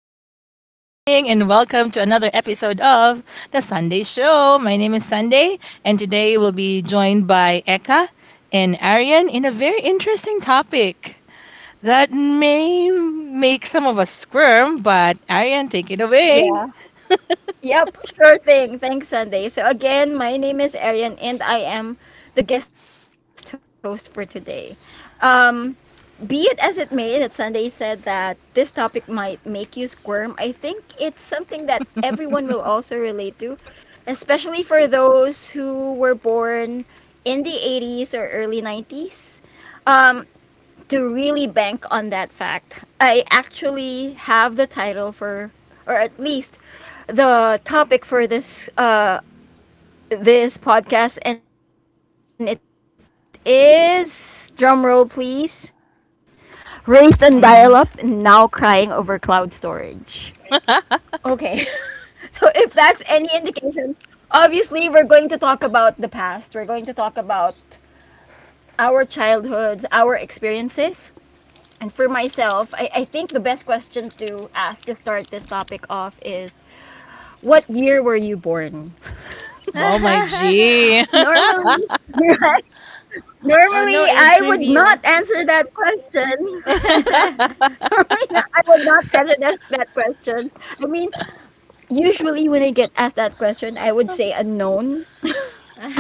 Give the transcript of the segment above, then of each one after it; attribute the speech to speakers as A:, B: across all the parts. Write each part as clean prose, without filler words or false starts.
A: Good
B: Mm-hmm.
A: morning and welcome to another episode of The Sunday Show. My name is Sunday, and today we'll be joined by Eka and Arian in a very interesting topic that may make some of us squirm, but Arian, take it
B: Yeah.
A: away.
B: Yep. Sure thing. Thanks, Sunday. So again, my name is Arian, and I am the guest host for today. Um, be it as it may that Sunday said that this topic might make you squirm, I think it's something that everyone will also relate to, especially for those who were born in the 80s or early 90s. To really bank on that fact, I actually have the title for, or at least the topic for this this podcast, and it is, drum roll, please. Raised on
A: Mm.
B: dial-up, and now crying over cloud storage. Okay, so if that's any indication, obviously we're going to talk about the past. We're going to talk about our childhoods, our experiences. Myself, I think the best question to ask to start this topic off is, what year were you born?
A: Oh, my G.
B: Normally, right?
C: Oh no,
B: Normally,
C: age
B: I would not
C: reveal.
B: answer that question. Normally, I would not answer that question. I mean, usually when I get asked that question, I would say unknown.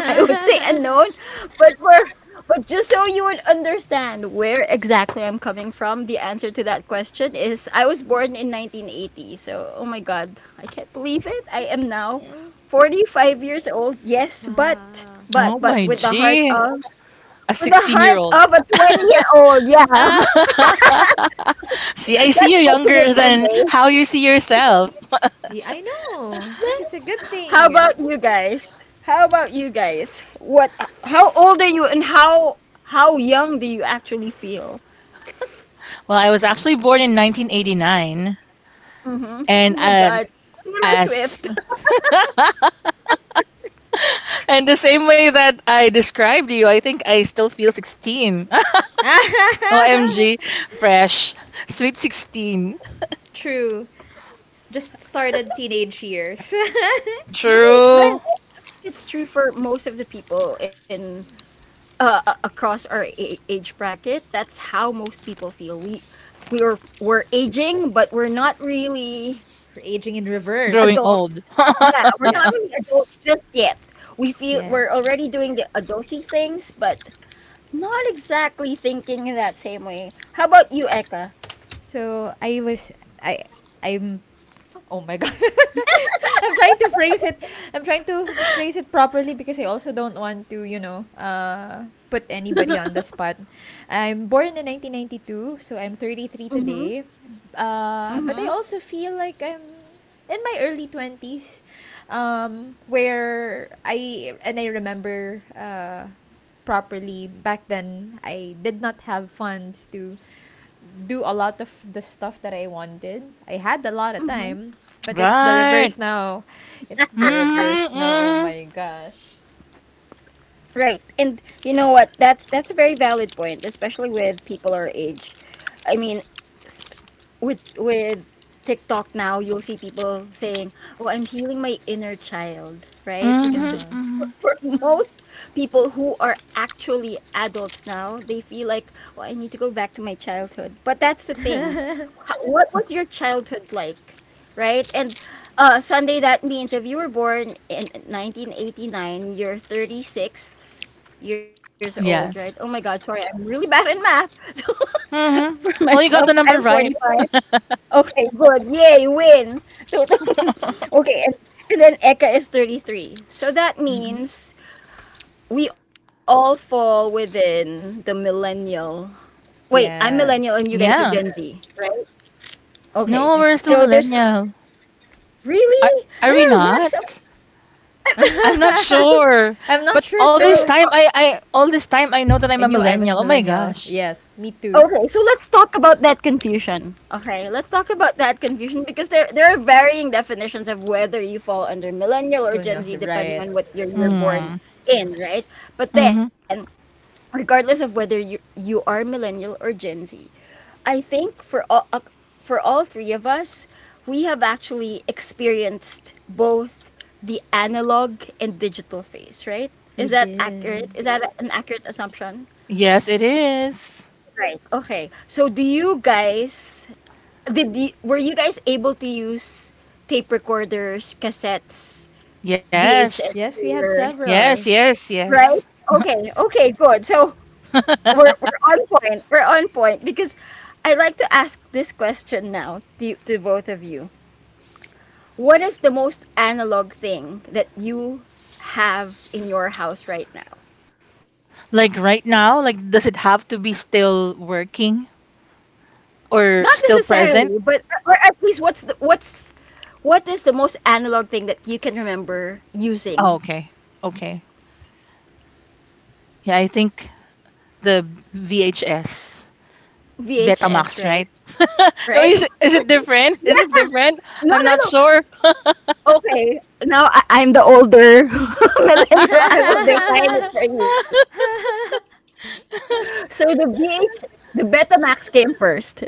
B: I would say unknown, but for but just so you would understand where exactly I'm coming from, the answer to that question is I was born in 1980. So, oh my god, I can't believe it. I am now years old. Yes, but
C: Wow.
B: but
A: Oh,
B: but
A: my
B: with the heart
A: G.
B: of
A: A 16 year old.
B: a 20-year-old. Yeah,
A: See, I see you
B: that's pushing
A: younger
B: it
A: than
B: someday.
A: how you see yourself.
C: Yeah, I know, which is a good
B: How
C: thing.
B: about you guys? How about you guys? What? How old are you, and how young do you actually feel?
A: Well, I was actually born in 1989,
B: Oh
A: and
B: my
A: uh,
B: God, Taylor
A: as
B: Swift.
A: and the same way that I described you, I think I still feel 16. OMG, fresh, sweet 16.
C: True. Just started teenage years.
A: True,
B: Right. I think it's true for most of the people in across our age bracket. That's how most people feel. We are we're aging, but we're not really
C: Aging in
A: growing
C: reverse.
A: old.
B: adults. Yeah, we're not really
C: Yes.
B: adults just yet. We feel
C: Yeah.
B: we're already doing the adulty things, but not exactly thinking in that same way. How about you, Eka?
C: So I was I I'm Oh my god. I'm trying to phrase it. I'm trying to phrase it properly because I also don't want to, put anybody on the spot. I'm born in 1992, so I'm 33
B: Mm-hmm.
C: today. But
B: Mm-hmm.
C: I also feel like I'm in my early 20s , where I remember properly back then I did not have funds to do a lot of the stuff that I wanted. I had a lot of time, but it's the
A: Right.
C: reverse now. It's
A: Mhm.
C: the reverse now. Oh
A: Mhm.
C: my gosh.
B: Right. And you know what? That's a very valid point, especially with people our age. I mean, with TikTok now, you'll see people saying, "Oh, I'm healing my inner child," right?
A: Mhm.
B: Because
C: Uh-huh.
A: Mhm.
B: for most people who are actually adults now, they feel like, "Oh, I need to go back to my childhood." But that's the thing. What was your childhood like, right? And Sunday, that means if you were born in 1989, you're 36 years old, right? Oh my
A: Yes.
B: God, sorry, I'm really bad in math. For
A: Mhm. Well, you
B: myself,
A: got the
B: I'm
A: number right.
B: 45. Okay, good. Yay, win. So okay, and then Eka is 33. So that
C: Mhm.
B: means we all fall within the millennial. Wait, I'm millennial and
C: Yes.
B: you
A: Yeah.
B: guys are Gen Z. Okay.
A: No,
C: It,
A: we're
B: So
A: still
C: I
B: there's
A: millennial. Are
B: really
A: are we
B: there are
A: not?
B: lots of
A: I'm not
B: because
A: sure.
C: I'm not
A: But
C: sure too.
B: uh,
A: all this time I know that I'm
C: I
A: a
C: knew I was
A: millennial. Oh my
C: millennial.
A: gosh.
C: Yes, me too.
B: okay, so let's talk about that confusion. Okay, let's talk about that confusion because there are varying definitions of whether you fall under millennial or
C: Millennial,
B: Gen Z depending
C: right.
B: on what year you were
A: Hmm.
B: born in, right? But
A: Mm-hmm.
B: then, regardless of whether you are millennial or Gen Z, I think for all three of us, we have actually experienced both the analog and digital phase, right?
C: We
B: Is that accurate?
C: did.
B: Is that an accurate assumption?
A: Yes, it is.
B: Right. Okay. So do you guys were you guys able to use tape recorders, cassettes,
A: Yes.
B: VHS
C: Yes, we had
B: players,
A: Yes,
C: several.
A: yes,
B: right?
A: yes.
B: Okay. Okay, good. So we're we're on point. We're on point because I'd like to ask this question now to both of you. What is the most analog thing that you have in your house right now?
A: Like right now, like does it have to be still working or
B: Not
A: still present?
B: necessarily, but or at least what's what is the most analog thing that you can remember
A: Oh,
B: using?
A: okay. Okay. Yeah, I think the VHS,
B: VHS,
A: Betamax,
B: right?
A: right? Oh,
B: Right?
A: is it different? Is it
B: Yeah.
A: different?
B: No,
A: I'm
B: no,
A: not
B: no.
A: sure.
B: Okay. Now I'm the older millennial. I will define it for you. So the Betamax came first. The Betamax came first. I think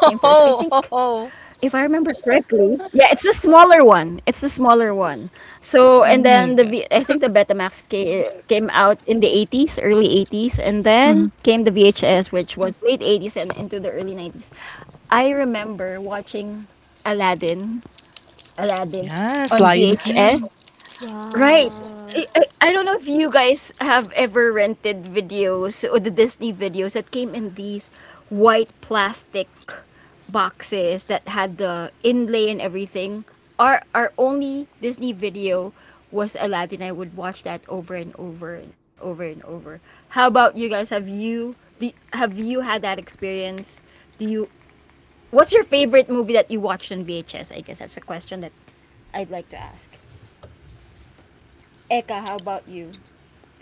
B: if I remember
A: oh,
B: correctly,
A: oh.
B: yeah, it's the smaller one. It's the smaller one. So and then the v, I think the
A: Oh my.
B: Betamax came out in the 80s, early 80s, and then came the
A: Mhm.
B: VHS, which was late 80s and into the early 90s. I remember watching Aladdin, Aladdin on
A: Yes, Lion
B: VHS.
A: King.
B: Right. I,
C: Wow.
B: I, I don't know if you guys have ever rented videos or the Disney videos that came in these white plastic boxes that had the inlay and everything. Our only Disney video was Aladdin. I would watch that over and over and over and over. How about you guys? Have you had that experience? Do you what's your favorite movie that you watched on VHS? I guess that's a question that I'd like to ask. Eka, how about you?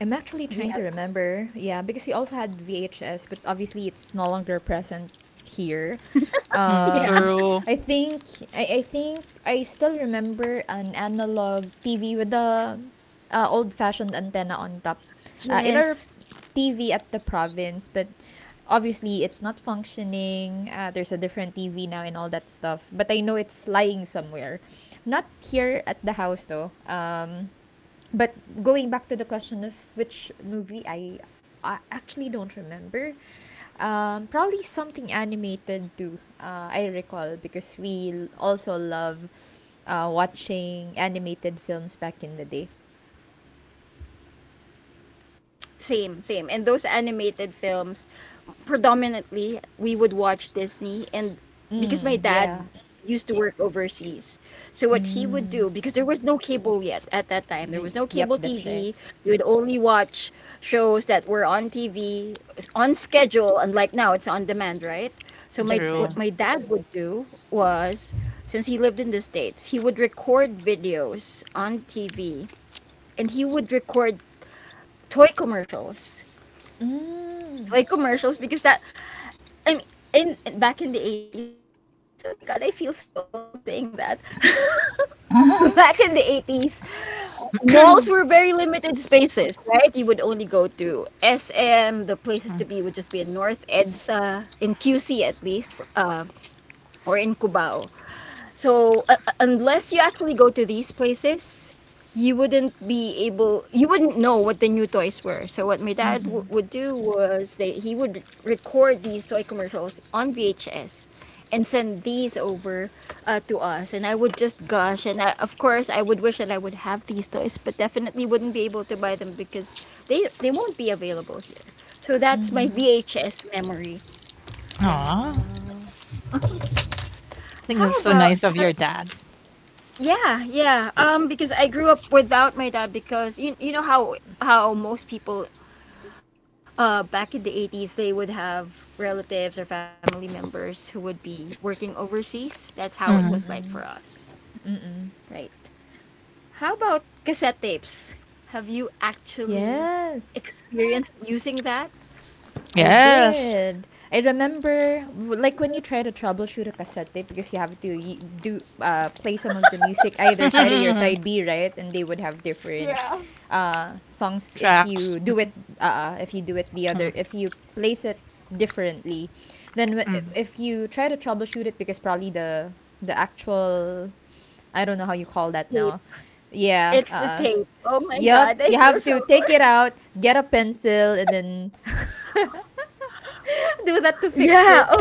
C: I'm actually trying to
B: Yep.
C: remember. Yeah, because we also had VHS, but obviously it's no longer present here.
A: Mm,
B: Yeah.
C: Um,
A: true.
C: I, think I think I still remember an analog TV with the old-fashioned antenna on top. In our
B: Yes.
C: TV at the province, but obviously it's not functioning. There's a different TV now and all that stuff. But I know it's lying somewhere. Not here at the house though. But going back to the question of which movie I actually don't remember. Probably something animated too. I recall because we also love watching animated films back in the day.
B: Same, same. And those animated films, predominantly, we would watch Disney. And because my dad
C: Mm, yeah.
B: used to work overseas, so what he would do, because
C: Mm.
B: there was no cable yet at that time, there was no cable
C: Yep, that's
B: TV.
C: right.
B: You would only watch shows that were on TV, on schedule, unlike now, it's on demand, right? So my
C: That's
B: what
C: right.
B: my
A: True.
B: dad would do was, since he lived in the States, he would record videos on TV and he would record toy commercials.
C: Mm.
B: Toy commercials, because that I mean back in the 80s, oh my god, I feel so old saying that. Back in the 80s, malls were very limited spaces, right? You would only go to SM, the places to be would just be
A: Mhm.
B: in North EDSA, in QC at least, or in Cubao. So unless you actually go to these places, you wouldn't be able. You wouldn't know what the new toys were. So what my
C: Mhm.
B: dad would do was they he would record these toy commercials on VHS, and send these over to us. And I would just gush. And I, of course, I would wish that I would have these toys, but definitely wouldn't be able to buy them because they won't be available here. So that's
C: Mhm.
B: my VHS memory.
A: Aw, I
C: Wow.
A: think that's so
B: How
A: nice of your
B: about
A: dad.
B: have, Yeah, yeah. Because I grew up without my dad because you know how most people back in the 80s they would have relatives or family members who would be working overseas. That's how it was like
A: Mhm.
B: for
C: Mm.
B: us,
C: Mm.
B: right? How about cassette tapes? Have you actually
C: Yes.
B: experienced using that.
C: I
A: Yes.
C: did. I remember, like when you try to troubleshoot a cassette tape because you have to do play some of the music either side A or side B, right? And they would have different
B: Yeah.
C: songs if
A: Tracks.
C: you do it. If you do it the
A: Mhm.
C: other, if you place it differently, then
A: Mm.
C: if you try to troubleshoot it because probably the actual, I don't know how you call that now.
B: Tape?
C: Yeah.
B: It's the tape. Oh my
C: Yep. You
B: god,
C: have
B: I
C: to
B: feel so
C: take it
B: old.
C: out, get a pencil, and then do that to
B: Yeah.
C: fix
B: Okay.
C: it.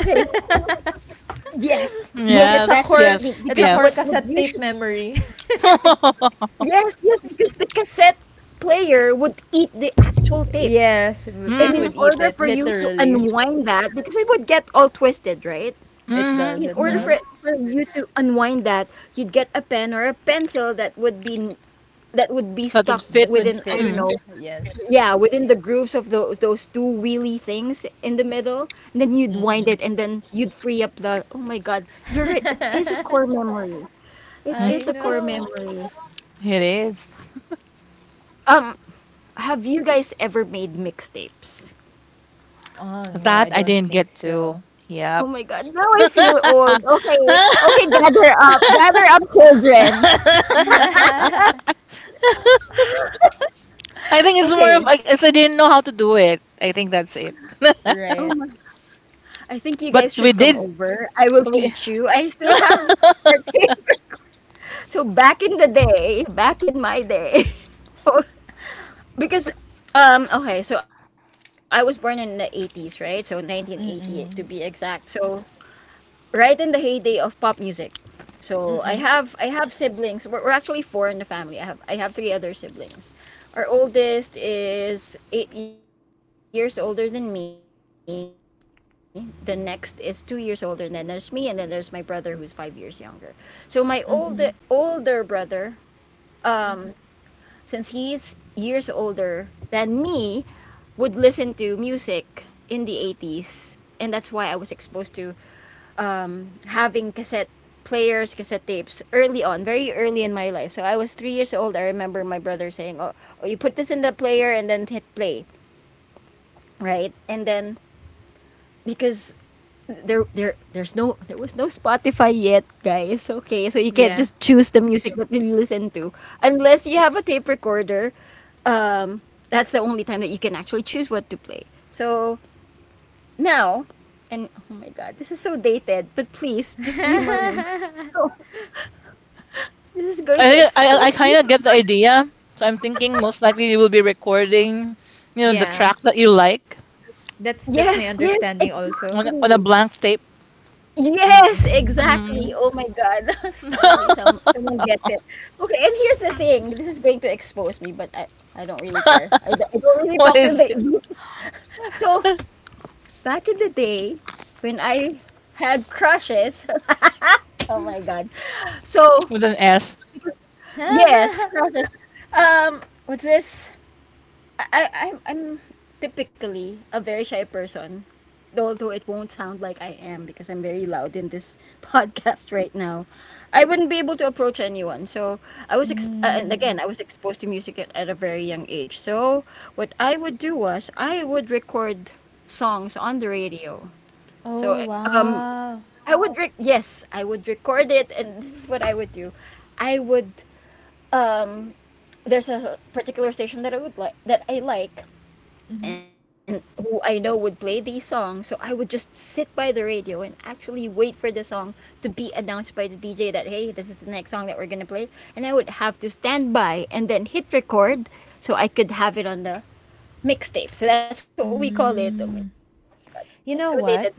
B: Yes, yes, that's a
C: it's a
A: Yes,
B: technique
C: core
B: because
A: yes,
B: what
C: it's a
B: would
C: core
A: yes.
B: usually.
C: cassette tape memory.
B: Yes, yes, because the cassette player would eat the actual tape.
C: Yes,
B: And
C: it
A: Hmm,
B: in
C: would eat
B: order
C: it
B: for you to
C: literally.
B: unwind that, because it would get all twisted, right?
C: It does,
A: hmm,
C: it
B: In
A: hmm.
B: order
C: does.
B: for, for you to unwind that, you'd get a pen or a pencil that would be
A: That would
B: stuck
A: fit.
C: That would
B: within
C: fit.
B: I
A: Mm.
B: don't know.
C: Yes.
B: Yeah, within the grooves of those two wheelie things in the middle. And then you'd
C: Mm-mm.
B: wind it and then you'd free up the oh my god. You're right, it is a core memory.
A: Mm,
C: I
B: It
C: know.
B: memory.
A: it is.
B: Um Have you guys ever made mixtapes?
C: Oh no,
A: That
C: I
A: I
C: don't
A: didn't
C: think
A: get to.
C: so.
A: Yep.
B: Oh my god, now I feel old. Okay, okay, gather up, children.
A: I think it's more of,
B: Okay,
A: I guess I didn't know how to do it. I think that's it.
B: oh
C: Right.
B: my, I think you
A: But
B: guys
A: we
B: should come
A: did.
B: over. I will
A: We,
B: teach you. I still have our tape. So back in the day, back in my day, because okay, so I was born in the 80s, right? So 1988 to be exact.
C: Mm-mm.
B: So right in the heyday of pop music. So
C: Mm-mm.
B: I have siblings. We're actually four in the family. I have three other siblings. Our oldest is 8 years older than me. The next is 2 years older, and then there's me, and then there's my brother who's 5 years younger. So my older brother,
C: Mm-hmm.
B: um, since he's years older than me, would listen to music in the 80s, and that's why I was exposed to having cassette players, cassette tapes early on, very early in my life. So I was 3 years old. I remember my brother saying, "Oh, oh, you put this in the player and then hit play, right?" And then because there was no Spotify yet, guys. Okay, so you can't
C: Yeah.
B: just choose the music that you listen to unless you have a tape recorder. That's the only time that you can actually choose what to play. So now, and oh my god, this is so dated, but please just humor me. So, this is
A: I
B: going to
A: think I
B: expose
A: kind
B: me
A: of
B: so
A: get the
B: much.
A: idea. So I'm thinking, most likely you will be recording the
C: Yeah.
A: track that you like
C: That's
B: Yes,
C: my
B: yes,
C: understanding also.
A: on a
B: exactly.
A: blank tape.
B: Yes,
C: Mm-mm.
B: exactly.
A: Hmm.
B: Oh my god. Finally someone gets it. Okay, and here's the thing. This is going to expose me, but I don't really care. I don't really
A: What
B: talk to
A: is it?
B: the. So, back in the day when I had crushes. Oh my god. So,
A: With an S.
B: yes, crushes. What's this? I'm typically a very shy person, although it won't sound like I am because I'm very loud in this podcast right now. I wouldn't be able to approach anyone. So I was, and
C: Mm.
B: again, I was exposed to music at a very young age. So what I would do was I would record songs on the radio.
C: Oh
B: So um,
C: wow.
B: I would yes, I would record it, and this is what I would do. I would um, there's a particular station that I like
C: Mm-hmm.
B: and who I know would play these songs. So I would just sit by the radio and actually wait for the song to be announced by the DJ that, hey, this is the next song that we're going to play. And I would have to stand by and then hit record so I could have it on the mixtape. So that's what we call it. Oh my God, that's
C: Mm.
B: so dated. Mixtape.
C: You know what?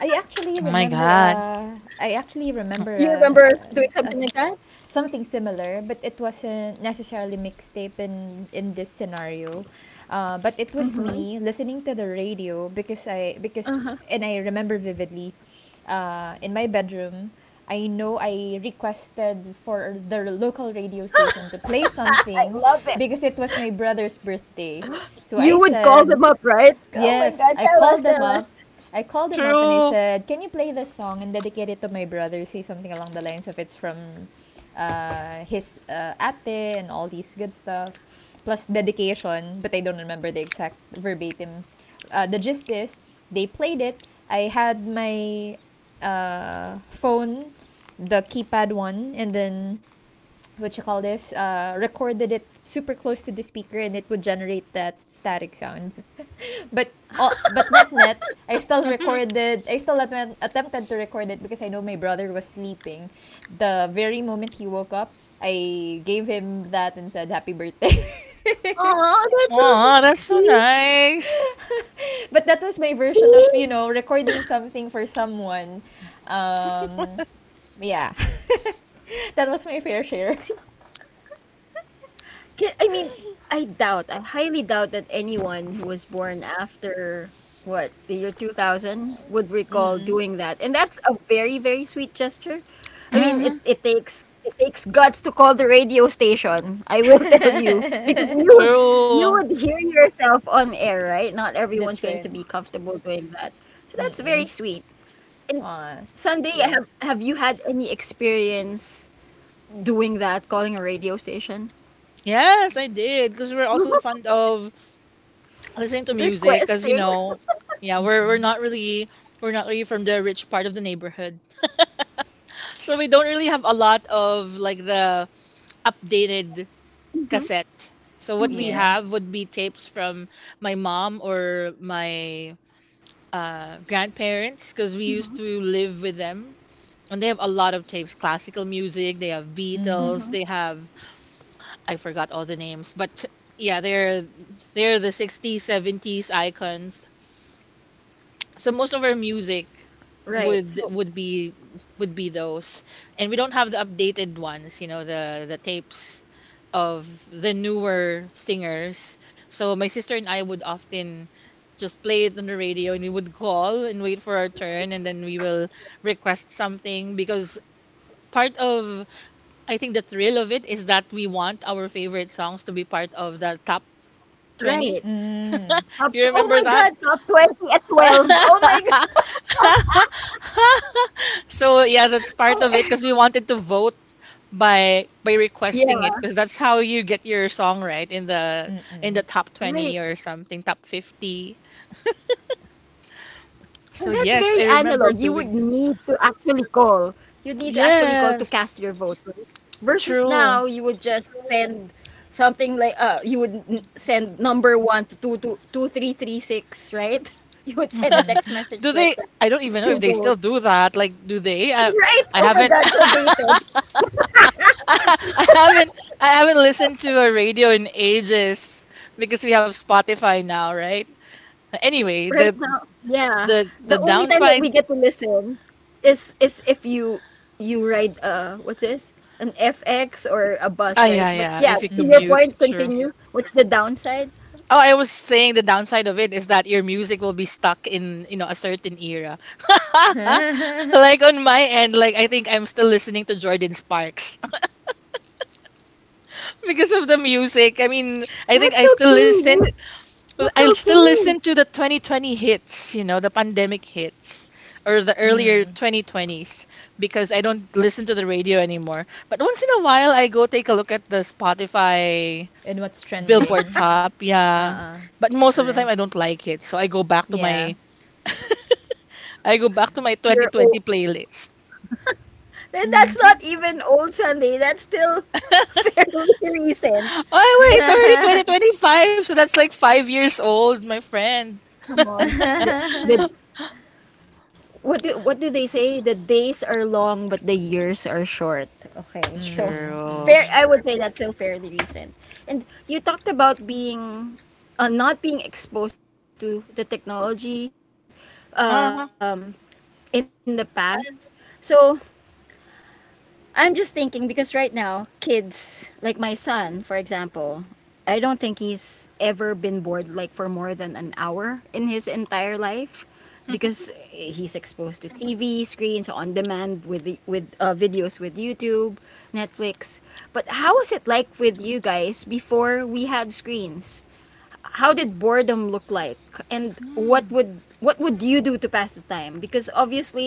C: I actually
A: Oh my
C: remember
A: God.
C: uh I
B: You
C: actually
B: remember
C: remember
B: doing something like that?
C: uh as something similar, but it wasn't necessarily mixtape in this scenario. But it was me listening to the radio because and I remember vividly in my bedroom, I know I requested for the local radio station to play
B: I
C: something
B: love it.
C: because it was my brother's birthday. So
B: You
C: I
B: would call them
C: said,
B: up, right? Oh my
C: Yes,
B: God,
C: I
B: tell us,
C: called them
B: tell us.
C: up. I called them up and I
A: True.
C: said, "Can you play this song and dedicate it to my brother?" Say something along the lines of it's from his ate and all these good stuff, plus dedication. But I don't remember the exact verbatim. The gist is they played it. I had my phone, the keypad one, and then what you call this, recorded it super close to the speaker and it would generate that static sound, but net net, i still recorded i still attempt, attempted to record it because I know my brother was sleeping. The very moment he woke up, I gave him that and said happy birthday.
A: Oh,
B: Oh,
A: that's so
B: that's so sweet.
A: nice.
C: But that was my
B: See?
C: version of
B: See?
C: recording something for someone. um yeah. That was my fair
B: See?
C: share.
B: I mean, I highly doubt that anyone who was born after what the year 2000 would recall doing that. And that's a very, very sweet gesture. I mean,
A: Hmm.
B: it takes guts to call the radio station. I will tell you because you would you
A: True.
B: would hear yourself on air, right? Not
C: That's
B: everyone's going
C: right.
B: to be comfortable doing that. So that's
C: Mm-mm.
B: very sweet. And
C: uh,
B: Sunday,
C: yeah.
B: have you had any experience doing that, calling a radio station?
A: Yes, I did. Because we're also fond of listening to music. Because
B: Requesting.
A: yeah, we're
C: Mm-mm.
A: not really from the rich part of the neighborhood. So we don't really have a lot of like the updated
B: Mm-hmm.
A: cassette, so what we
C: Yeah.
A: have would be tapes from my mom or my grandparents, because we used to live with them, and they have a lot of tapes.
B: Mm-hmm.
A: Classical music, they have
C: Mhm.
A: Beatles, they have, I forgot all the names, but yeah, they're the 60s, 70s icons. So most of our
B: Right.
A: music
B: So,
A: would would be would be those. And we don't have the updated ones, the tapes of the newer singers. So my sister and I would often just play it on the radio, and we would call and wait for our turn, and then we will request something, because part of I think the thrill of it is that we want our favorite songs to be part of the top
B: right.
A: 20,
C: Mm.
B: Up
A: if
B: to,
A: you
B: oh my
A: remember
B: god,
A: that.
B: top 20 at 12. Oh my god.
A: So yeah, that's part of
B: Oh,
A: it, because we wanted to vote by
B: yeah,
A: requesting it, because that's how you get your song right in the
C: Mm-mm.
A: top 20
B: right.
A: or something, top 50.
B: So that's very
A: So yes, I
B: analog. You would
A: remember
B: need
A: doing.
B: to actually call. You'd need to actually call to cast your
A: Yes.
B: vote, right? Versus now,
A: True.
B: you would just send something like you would send number 1 to 2 two two three three six, right? You would send a
C: Mhm.
B: text
A: Do
B: message
A: they?
B: like that
A: I don't even know if
B: to
A: they still
B: vote.
A: do that. Like, do they? I,
B: Right?
A: I
B: Oh my
A: haven't.
B: god, so dated.
A: I haven't I haven't listened to a radio in ages, because we have Spotify now, right? Anyway,
B: Right
A: the
B: now, yeah.
A: the
B: The
A: the
B: only time that we
A: downside.
B: get to listen is if you you ride what's this? An FX or a bus,
A: Ah,
B: right?
A: yeah,
B: But
A: yeah.
B: yeah,
A: If you
B: to your
C: Mm-mm.
A: commute,
B: point,
A: sure.
B: continue. What's the downside?
A: Oh, I was saying the downside of it is that your music will be stuck in a certain era. Like on my end, like I think I'm still listening to Jordan Sparks
B: That's
A: because of the
B: okay.
A: music. I mean, I think I
B: That's
A: still listen.
B: okay.
A: Well, I'll still listen to the 2020 hits, the pandemic hits, or the
C: Mm.
A: earlier 2020s, because I don't listen to the radio anymore. But once in a while, I go take a look at the Spotify
C: And what's
A: Billboard
C: trending?
A: top, yeah.
C: Uh-uh.
A: But most of the time
C: Right.
A: I don't like it. So
C: Yeah.
A: I go back to my
B: You're old.
A: 2020 playlist.
B: Then that's
C: Mhm.
B: not even old Sunday. That's still fairly recent.
A: Oh, wait,
B: But
A: it's already 2025, so that's like 5 years old, my friend.
B: come on, the what what do they say? The days are long, but the years are short. Okay, so
C: Mhm.
B: fair.
A: True.
C: Mhm.
B: I would say that's so fairly recent. And you talked about being, not being exposed to the technology, um,
A: Uh-huh.
B: in the past. So I'm just thinking because right now, kids, like my son, for example, I don't think he's ever been bored like for more than an hour in his entire life because he's exposed to TV screens on demand with videos with YouTube, Netflix. But how was it like with you guys before we had screens? How did boredom look like? And what would
A: Hmm.
B: what would you do to pass the time? Because obviously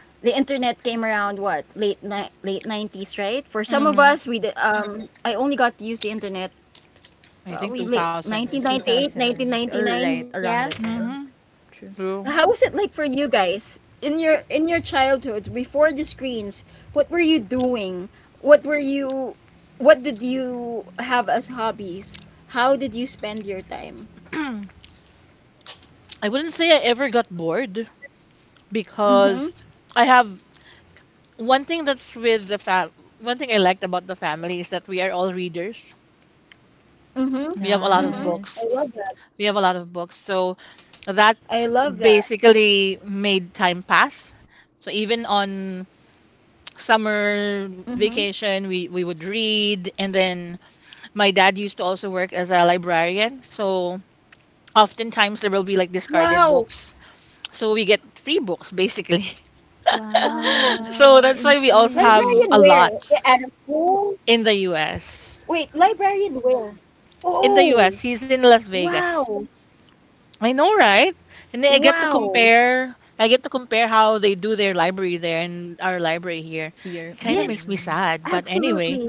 B: the internet came around what late 90s, right? For some of us
A: Mm.
B: we did, I only got to use the internet
A: I
B: probably
A: think
B: late nineteen
A: 2000s.
B: ninety eight, nineteen
C: 2000s
B: ninety
C: or
B: nine.
C: right
B: Yeah,
C: around that time.
A: Mm-hmm.
C: True.
B: how was
A: True.
B: it like for you guys in your childhoods before the screens? What were you doing? What were you? What did you have as hobbies? How did you spend your time?
A: I wouldn't say I ever got bored,
B: Mm-hmm.
A: because I have one thing that's with the fam one thing I liked about the family is that we are all readers.
B: Mm-hmm.
A: We have a lot of
B: Mm-hmm. I
A: books.
B: love
C: Nice.
B: that.
A: We have a lot
B: I
A: of books.
B: love that.
A: So that basically made time pass. So even
B: Mm-hmm.
A: on summer vacation, we would read. And then my dad used to also work as a librarian. So
B: Wow.
A: oftentimes there will be like discarded books. So we get free books basically.
B: Wow. Librarian
A: So
C: Wow.
A: that's why
B: where?
A: we
B: Eh,
A: also
B: out of
A: have
C: Insane.
A: a
B: school?
A: lot. In the
B: Wait, librarian
A: US.
B: where? Oh,
A: In the US, he's in
B: wow.
A: Las Vegas. I know, right?
B: Wow.
A: And then I get to compare. I get to compare how they do their library there and our library here.
B: Yes,
C: Here.
A: Kind of makes me
C: Mm.
A: sad, but
B: absolutely.
A: anyway,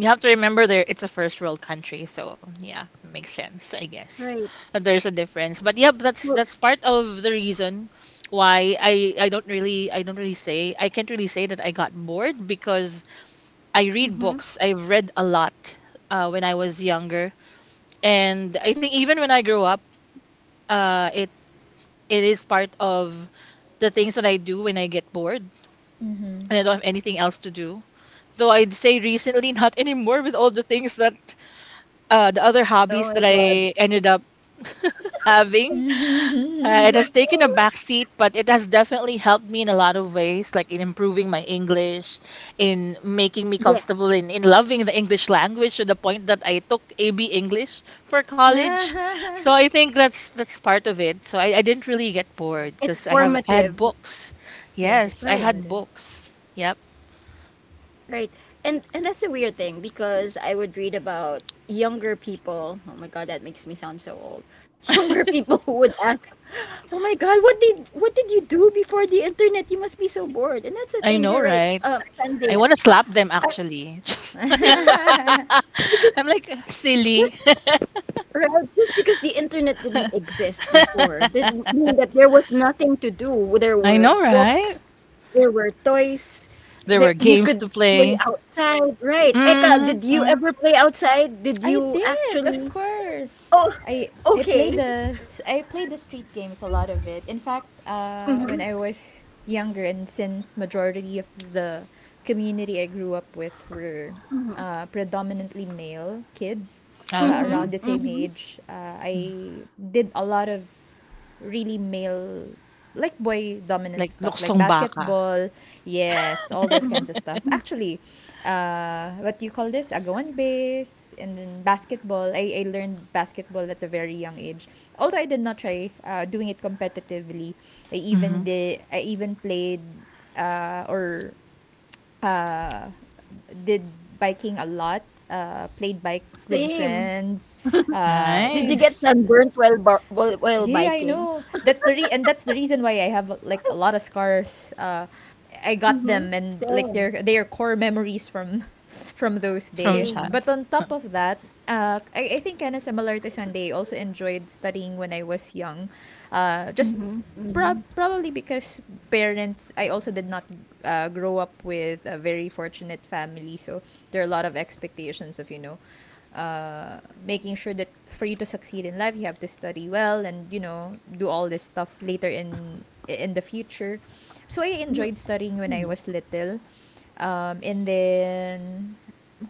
A: you have to remember, there it's a first world country, so yeah, makes sense, I guess.
B: Right.
A: That there's a difference,
B: So,
A: but yep, that's part of the reason why I don't really say. I can't really say that I got bored because I
B: mhm.
A: read books. I've read a lot when I was younger, and I think even when I grew up. Uh, it it is part of the things that I do when I get bored
C: Mhm.
A: and I don't have anything else to do. Though I'd say recently, not anymore, with all the things that the other
B: Oh my
A: hobbies that
B: God.
A: I ended up having. It has taken a back seat, but it has definitely helped me in a lot of ways, like in improving my English, in making me comfortable
B: Yes.
A: in loving the English language, to the point that I took AB English for college. So I think that's part of it. So I didn't really get bored
B: It's
A: because I
B: formative.
A: had books.
C: Yes, it's
A: Yes, I
B: Right.
A: had
C: formative.
A: books. Yep.
B: Right. And that's a weird thing because I would read about younger people. Oh my God, that makes me sound so old. Younger people who would ask, "Oh my God, what did you do before the internet? You must be so bored." And that's the
A: I
B: thing. You're
A: know,
B: right.
A: right? I
B: Sunday.
A: want to slap them
B: Uh,
A: actually. Just
B: Because
A: I'm like, silly.
B: just right, just because the internet didn't exist before didn't mean that there was nothing to do. There
A: I
B: were
A: know, right?
B: books, there were toys,
A: There were
B: there you
A: games
B: could
A: to
B: play
A: play.
B: outside, right? Eka,
A: Mhm,
B: did you
A: mm.
B: ever play outside? Did
C: I
B: you
C: did, of
B: actually?
C: course.
B: Oh,
C: I I played
B: okay.
C: the I played the street games a lot of it. In fact,
B: Mhm.
C: when I was younger, and since majority of the community I grew up with were predominantly male kids,
B: Mhm.
A: Oh,
C: around the same
B: Mhm.
C: age, I did a lot of really male, like boy dominant
A: like
C: stuff like
A: luksong baka.
C: basketball. Yes, all
B: Mhm.
C: those kinds of stuff actually. What do you call this, agawan base, and then basketball. I learned basketball at a very young age, although I did not try doing it competitively. i even
A: Mhm.
C: did i even played or uh did biking a lot, played bike with
B: Same.
C: friends uh
B: Did you get
A: Nice.
B: sunburnt while
C: yeah, I
B: biking?
C: know. That's the reason why I have like a lot of scars. I got
B: Mhm.
C: them and
B: Same.
C: like they are core memories from from those
A: From
C: days.
B: Same.
A: child.
C: But on top of that, I think kind of similar to Sunday, I also enjoyed studying when I was young.
B: Mhm.
C: Just
B: Mhm.
C: Probably because parents, I also did not grow up with a very fortunate family, so there are a lot of expectations of making sure that for you to succeed in life you have to study well and, do all this stuff later in the future. So I enjoyed studying when I was little. And then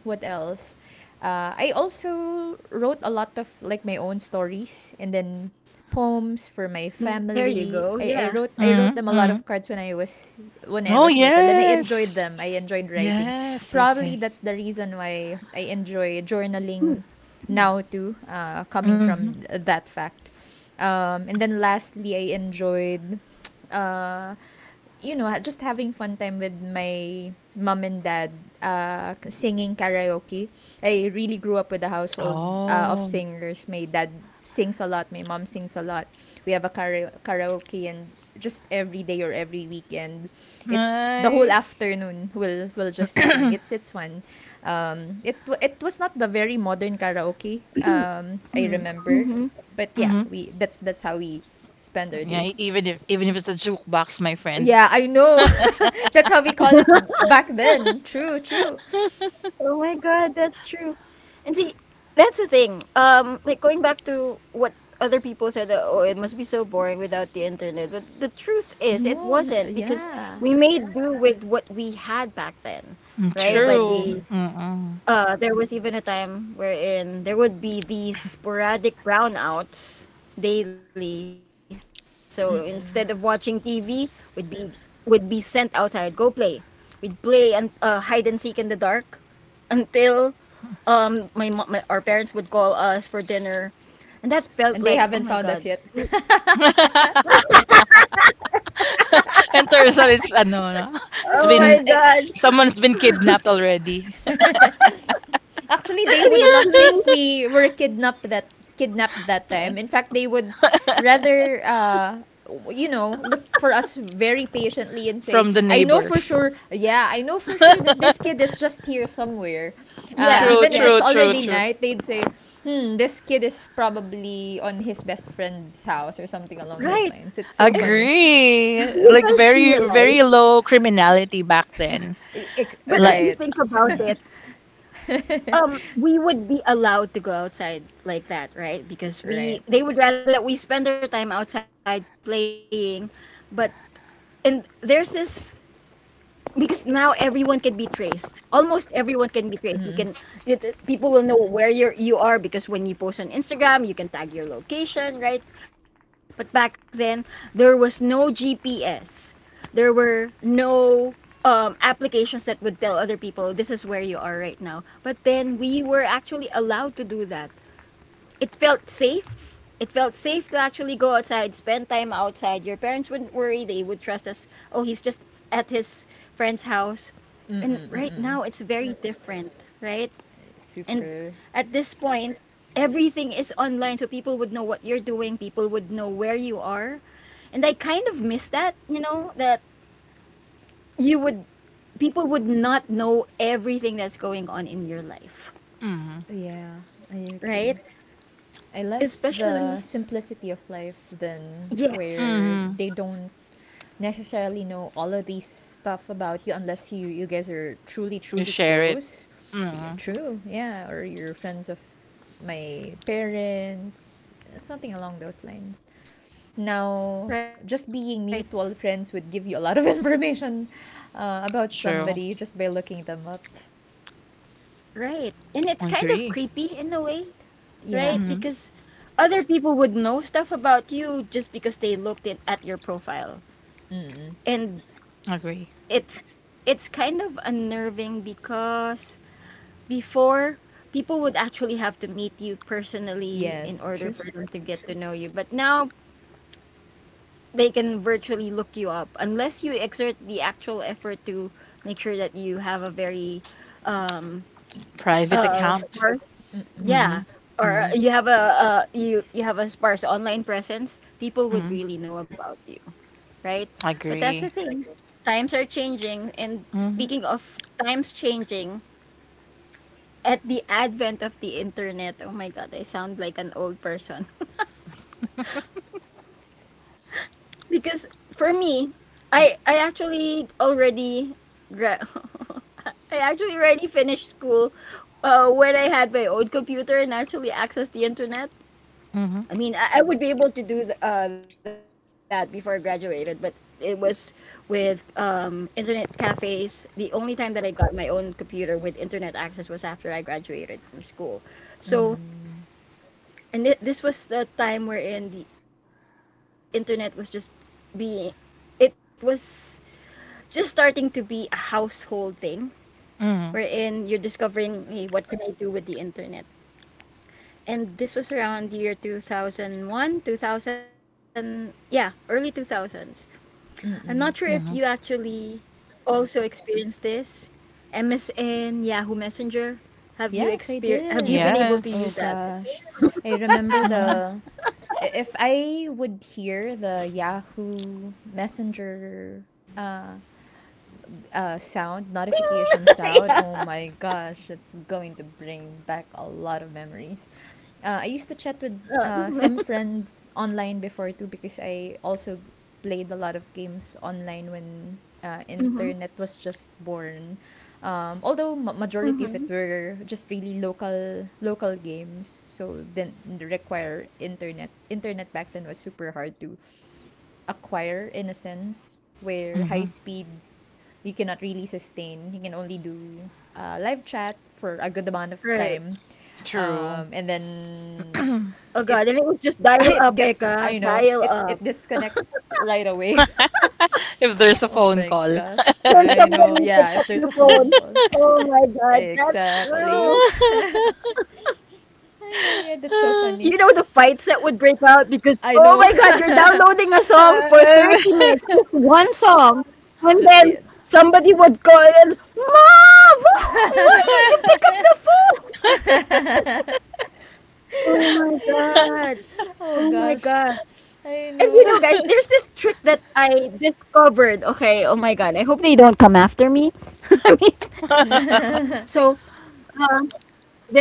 C: what else, I also wrote a lot of like my own stories and then poems
B: There
C: for
B: you
C: my
B: go. Yeah.
C: family. I wrote
A: Mm,
C: them a lot
A: mm.
C: of cards when I
A: Oh,
C: was little and I enjoyed
A: yes.
C: them. I enjoyed writing.
A: Yes, yes,
C: Probably that's
A: yes.
C: the reason why I enjoy journaling now too, coming
A: Mhm.
C: from that fact. And then lastly, I enjoyed uh, just having fun time with my mom and dad, singing karaoke. I really grew up with a household of
A: Oh,
C: singers. My dad sings a lot. My mom sings a lot. We have a karaoke, and just every day or every weekend, it's the whole
A: nice.
C: afternoon. We'll just sing. It's fun. It was not the very modern karaoke. I remember,
B: Mhm.
C: but yeah,
A: Mhm.
C: we that's how we spend our
A: Yeah, e-
C: days.
A: even if even if it's a jukebox, my friend.
C: Yeah, I know. That's how we call it back then. True, true.
B: Oh my god, that's true. And see, that's the thing. Like going back to what other people said that oh, it must be so boring without the internet. But the truth is,
C: No,
B: it
C: n
B: wasn't because
C: yeah.
B: we made do with what we had back then,
A: Mm,
B: right?
A: true.
B: Like we,
C: Yes.
A: Mm-mm.
B: there was even a time wherein there would be these sporadic brownouts daily. So instead of watching
C: Mm-mm.
B: TV, we'd be would be sent outside. Go play. We'd play and hide and seek in the dark until my our parents would call us for dinner, and that felt
C: And they
B: like oh
C: haven't
B: my
C: found
B: god.
C: us yet.
A: And turns out it's ano, no? It's
B: Oh
A: been
B: my
A: eh,
B: god.
A: Someone's been kidnapped already.
C: Actually, they
B: But
C: would
B: I mean,
C: not
B: it's
C: think
B: really
C: we were kidnapped that time. In fact, they would rather look for us very patiently and say,
A: From the
C: I know for
A: neighbors.
C: sure, yeah, I know for sure that this kid is just here somewhere.
A: True,
C: Even if
B: yeah,
A: true,
C: it's
B: yeah,
A: true,
C: already
A: true.
C: night, they'd say, hmm, this kid is probably on his best friend's house or something along those lines.
B: right.
C: It's so funny.
B: And
A: Agree. Like
B: do you
A: very,
B: guys
A: very
B: realize,
A: low criminality back then. Like,
C: Right.
B: but if you think
A: yeah.
B: about it, we would be allowed to go outside like that, right?
C: Right.
B: Because we they would rather that we spend our time outside playing. But and there's this because now everyone can be traced. Almost everyone can be traced. You can
C: Mm-mm.
B: people will know where you are because when you post on Instagram, you can tag your location, right? But back then, there was no GPS. There were no applications that would tell other people this is where you are right now. But then we were actually allowed to do that. It felt safe. It felt safe to actually go outside, spend time outside. Your parents wouldn't worry. They would trust us. Oh, he's just at his friend's house. And
C: Mm-mm.
B: right now,
C: Mm-mm.
B: it's very different, right? And
C: Super.
B: at this point, everything is online, so people would know what you're doing, people would know where you are. And I kind of miss that, you know, that you would, people would not know everything that's going on in your life,
A: Mm-hmm.
C: Yeah, I agree.
B: right?
C: I love the
B: Especially,
C: simplicity of life then where
A: Mm-hmm.
B: yes,
C: they don't necessarily know all of these stuff about you unless you guys are truly
A: You
C: truly
A: share it.
C: close.
A: Mm-hmm.
C: True. Yeah, or you're friends of my parents, something along those lines.
B: right.
C: Now, just being mutual friends would give you a lot of information, about
A: True.
C: somebody just by looking them up.
B: Right. And it's kind of creepy
A: Agree.
B: in a way, right?
C: Yeah.
B: Because
A: Mm-hmm.
B: other people would know stuff about you just because they looked it at your profile.
C: Mm.
B: And
A: Agree.
B: it's it's kind of unnerving because before people would actually have to meet you personally
C: Yes,
B: in
C: true.
B: order for them to get to know you. But now they can virtually look you up unless you exert the actual effort to make sure that you have a very
A: Private account.
B: Sparse.
C: Mm-mm.
A: Mm-hmm.
B: Yeah.
A: Mm-hmm.
B: Or you have a you you have a sparse online presence,
A: Mm-hmm.
B: people would really know about you, right? But
A: Agree.
B: that's the thing. Times are changing and
A: Mm-hmm.
B: speaking of times changing, at the advent of the internet, oh my god, I sound like an old person. Because for me, I actually already gra- I actually already finished school when I had my own computer and actually
A: Mm-hmm.
B: accessed the internet. I mean, I would be able to do that before I graduated, but it was with internet cafes. The only time that I got my own computer with internet access was after I graduated from school.
C: Mm.
B: So, and it, this was the time wherein the internet was just being, it was just starting to be a household thing,
A: Mm-hmm.
B: wherein you're discovering, hey, what can I do with the internet? And this was around the year 2001, 2000, yeah, early 2000s.
C: Mm-mm.
B: I'm not sure
A: Mm-hmm.
B: if you actually also experienced this. MSN, Yahoo Messenger.
C: Yes, I did.
B: Have you been
C: Oh
B: able
A: Yes.
B: to use
C: gosh.
B: that?
C: I remember
A: Mm-hmm.
C: if I would hear the Yahoo Messenger uh
B: Ding!
C: sound,
B: Yeah.
C: notification sound, oh my gosh, it's going to bring back a lot of memories. I used to chat with
B: Mm-hmm.
C: some friends online before too because I also played a lot of games online when internet was just born. Although majority of it were just
B: Mm-hmm.
C: really local games, so didn't require internet. Internet back then was super hard to acquire in a sense where high
A: Mm-hmm.
C: speeds you cannot really sustain. You can only do live chat for a good
B: Right.
C: amount of time,
A: True.
C: and then
B: Oh
A: If
B: god, and it was just
C: it's
B: dial up,
C: it
B: Eka.
C: gets, I
B: Dial
C: know
B: up.
C: it disconnects right away.
A: there's a
C: Oh
A: phone
C: my
A: call.
C: gosh,
B: When
C: I
B: somebody
C: know.
B: picks up
C: Yeah,
B: the
C: if there's a
B: phone,
C: phone call,
B: oh my God, that's true.
C: exactly. Ay, yeah, yeah, that's so
A: Mhm.
B: You
C: funny.
B: know the fights that would break out because
C: I
B: oh
C: know.
B: my god, you're
C: I
B: downloading a song for 30 minutes, just one song, and
C: yeah.
B: then somebody would go and mom, did you pick up the phone? Oh my god.
C: Oh
B: Oh my
C: gosh.
B: god.
C: I
B: And you
C: know.
B: know guys, there's this trick that I discovered. Okay, oh my god. I hope they don't come after me. I mean, so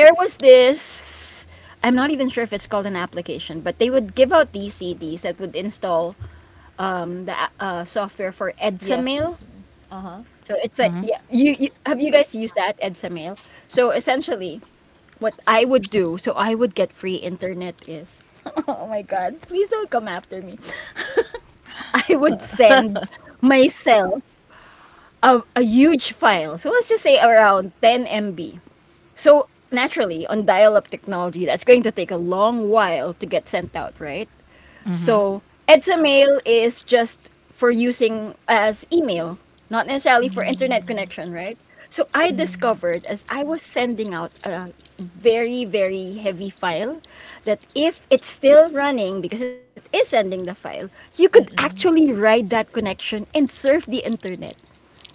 B: there was this I'm not even sure if it's called an application, but they would give out these CDs that would install the software for
C: Yes.
B: EdsaMail.
C: Uh huh.
B: So it's a yeah. You that EdsaMail? So essentially, what I would do, so I would get free internet is. Oh my god! Please don't come after me. I would send myself a huge file. So let's just say around 10 MB. So naturally, on dial-up technology, that's going to take a long while to get sent out, right?
A: Mhm.
B: So Edsamail is just for using as not necessarily for internet connection,
C: Mm.
B: right? So I
C: Mm.
B: discovered as I was sending out a very, very heavy file that if it's still running, because it is sending the file, you could actually
C: Mm.
B: ride that connection and surf the internet.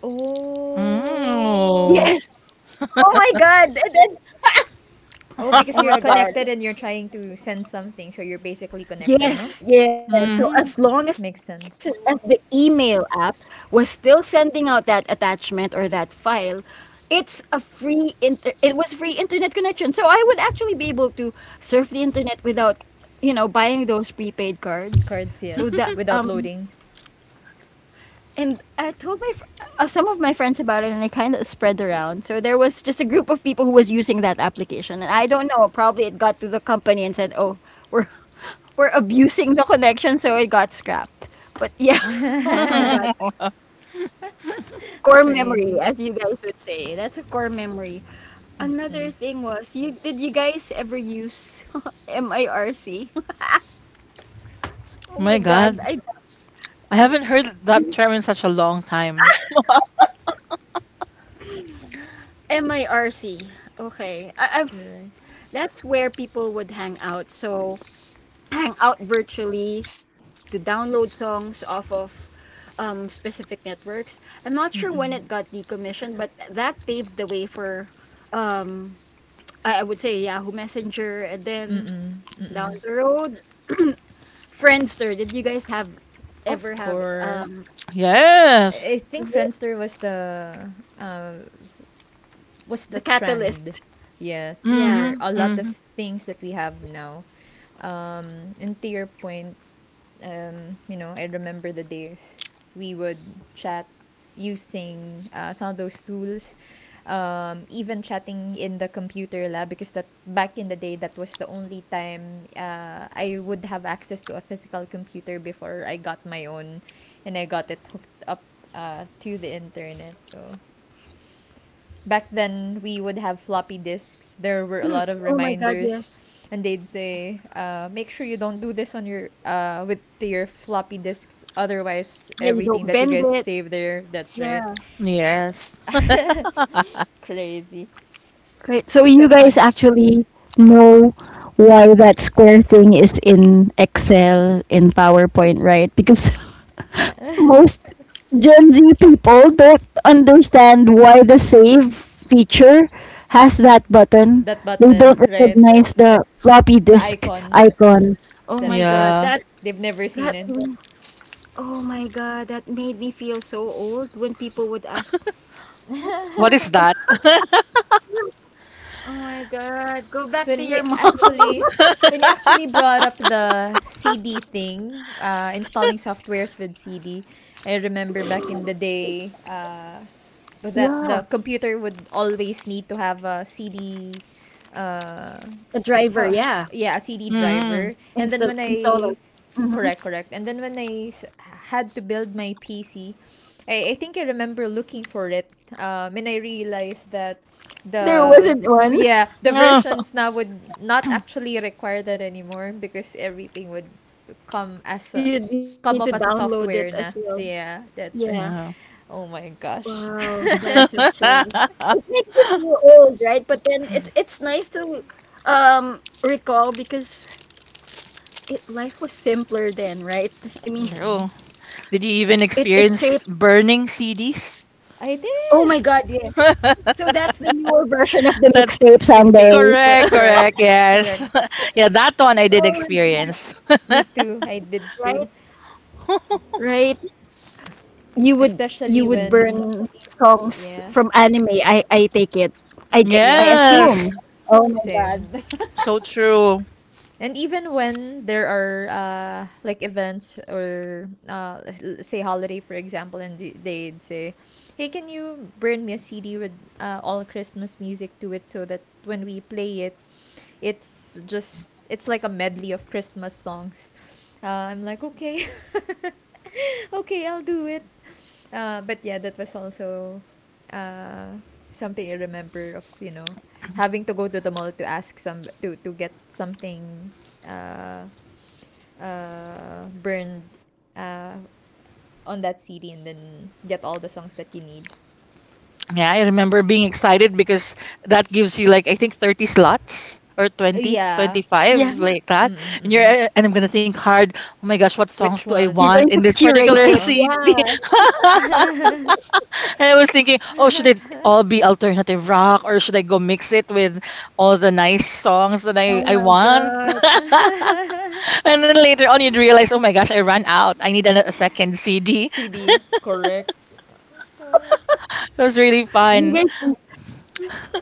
C: Oh.
A: Oh.
B: Yes. Oh my God. And then,
C: Oh, because
B: oh
C: you're
B: my God.
C: connected and you're trying to send something, so you're basically connected, no?
B: Yes, yeah. So as
A: Mhm.
B: long as
C: Makes
B: the
C: sense.
B: email app was still sending out that attachment or that file, it's a it was free internet connection. So I would actually be able to surf the internet without, buying those prepaid cards.
C: Cards,
B: So
C: yes,
B: the
C: without loading.
B: and I told my some of my friends about it, and it kind of spread around. So there was just a group of people who was using that application, and I don't know. Probably it to the company and said, "Oh, we're we're abusing the connection," so it got scrapped. But yeah, oh my God,
A: Oh
B: core memory,
C: Crazy.
B: as you guys would say, that's a core memory.
C: Mm-mm.
B: Another thing was, you did you guys ever use MIRC? Oh
A: my
B: my God,
A: God.
B: I
A: I haven't heard that term in such a long time.
B: MIRC. Okay, I
C: Right.
B: that's where people would hang out. So hang out virtually to download songs off of specific networks. I'm not sure when it got
C: Mm-mm.
B: decommissioned, but that paved the way for, um, I would say Yahoo Messenger, and then
C: Mm-mm.
B: down
C: Mm-mm.
B: the road, Friendster. Did you guys have ever
C: Of
B: have
C: course. I
A: Yes.
C: I think Friendster uh, was
B: the
C: the
B: Catalyst?
C: trend, yes,
B: Yeah.
C: for
A: Mhm.
C: a lot of
A: Mhm.
C: things that we have now. And to your point, I remember the days we would chat using some of those tools, even chatting in the computer lab because that back in the day that was the only time I would have access to a physical computer before I got my own, and I got it hooked up to the internet. So back then we would have floppy disks. There were a lot of
B: Oh my God, yes.
C: reminders, and they'd say, "Make sure you don't do this on your with to your floppy disks. Otherwise,
B: Yeah, you
C: everything
B: don't
C: that you
B: bend
C: guys
B: it.
C: save there, that's right."
B: Yeah.
A: Yes.
C: Crazy,
B: Right. So you
C: so
B: guys
C: fun.
B: actually know why that square thing is in Excel, in PowerPoint, right? Because most Gen Z people don't understand why the save feature has that button.
C: That
B: They don't
C: button, right?
B: recognize the floppy
C: The
B: disk
C: icon,
B: icon. Oh my
C: that's right.
B: God,
A: Yeah.
B: that
C: They've never seen
B: that
C: it.
B: oh my God, that made me feel so old when people would ask, "What
A: What
B: what's
A: is that?
B: Oh my God, go back to
C: when you
B: your mom."
C: actually when you actually brought up the CD thing, installing softwares with CD, I remember back in the day, that the computer would always need to have a CD,
B: The driver, yeah.
C: uh, how yeah, a
B: Install
C: CD
A: Mhm.
B: installer.
C: driver. And then when
B: Mm-hmm.
C: I Correct, correct. And then when I s- had to build my PC, I think I remember looking for it. And I realized that
B: There
C: the
B: wasn't one.
C: yeah the versions now would not actually require that anymore because everything would come as a
B: You'd
C: come
B: need
C: off
B: to
C: as a
B: download it
C: software
B: as
C: na.
B: well.
C: Yeah, that's right.
B: Yeah.
A: Yeah.
C: Oh my gosh.
B: Wow, times have changed. It makes you feel old, right? But then it's nice to recall because it life was simpler then, right? I mean,
C: Mm-mm.
A: True. Did you even
B: it shaped.
A: experience burning CDs?
C: I did
B: Oh my God, yes. So that's the newer version of the
A: That's
B: mixtape someday.
C: mixtapes.
A: correct,
C: Correct,
A: correct. Yes.
C: correct.
A: Yeah, that one I did
B: Oh my God,
A: experience.
C: Me too. I did
B: right?
C: too.
B: Right. you would you
C: Especially
B: would
C: when,
B: burn songs
C: yeah.
B: from anime. I take it. I
C: Yep,
A: Yes.
B: assume.
C: same.
B: Oh my God.
C: Same.
A: So true.
C: And even when there are like events or say holiday, for example, and they'd say, "Hey, can you burn me a CD with all Christmas music to it so that when we play it, it's like a medley of Christmas songs." I'm like, "Okay. Okay, I'll do it." But yeah, that was also uh, something I remember of, having to go to the mall to ask some to get something uh, burned uh, on that CD and then get all the songs that you need.
A: Yeah, I remember being excited because that gives you like I think 30 slots or 20,
B: Yeah,
C: Yeah.
A: 25, like that.
C: Mm-mm,
A: And you're
C: mm-mm.
A: and I'm going to think hard, "Oh my gosh, what songs
C: Which
A: do
B: you're
A: I
B: going to
A: want
C: ones?
A: in this
B: curate it.
A: particular
C: Uh-uh.
B: Yeah,
A: CD?" And I was thinking, "Oh, should it all be alternative rock, or should I go mix it with all the nice songs
B: oh
A: that I
B: my
A: I want?"
B: God.
A: And then later on, you'd realize, oh my gosh, I ran out. I need a second CD.
C: CD. Correct. Correct.
A: It was really
B: you
A: fun.
B: guys.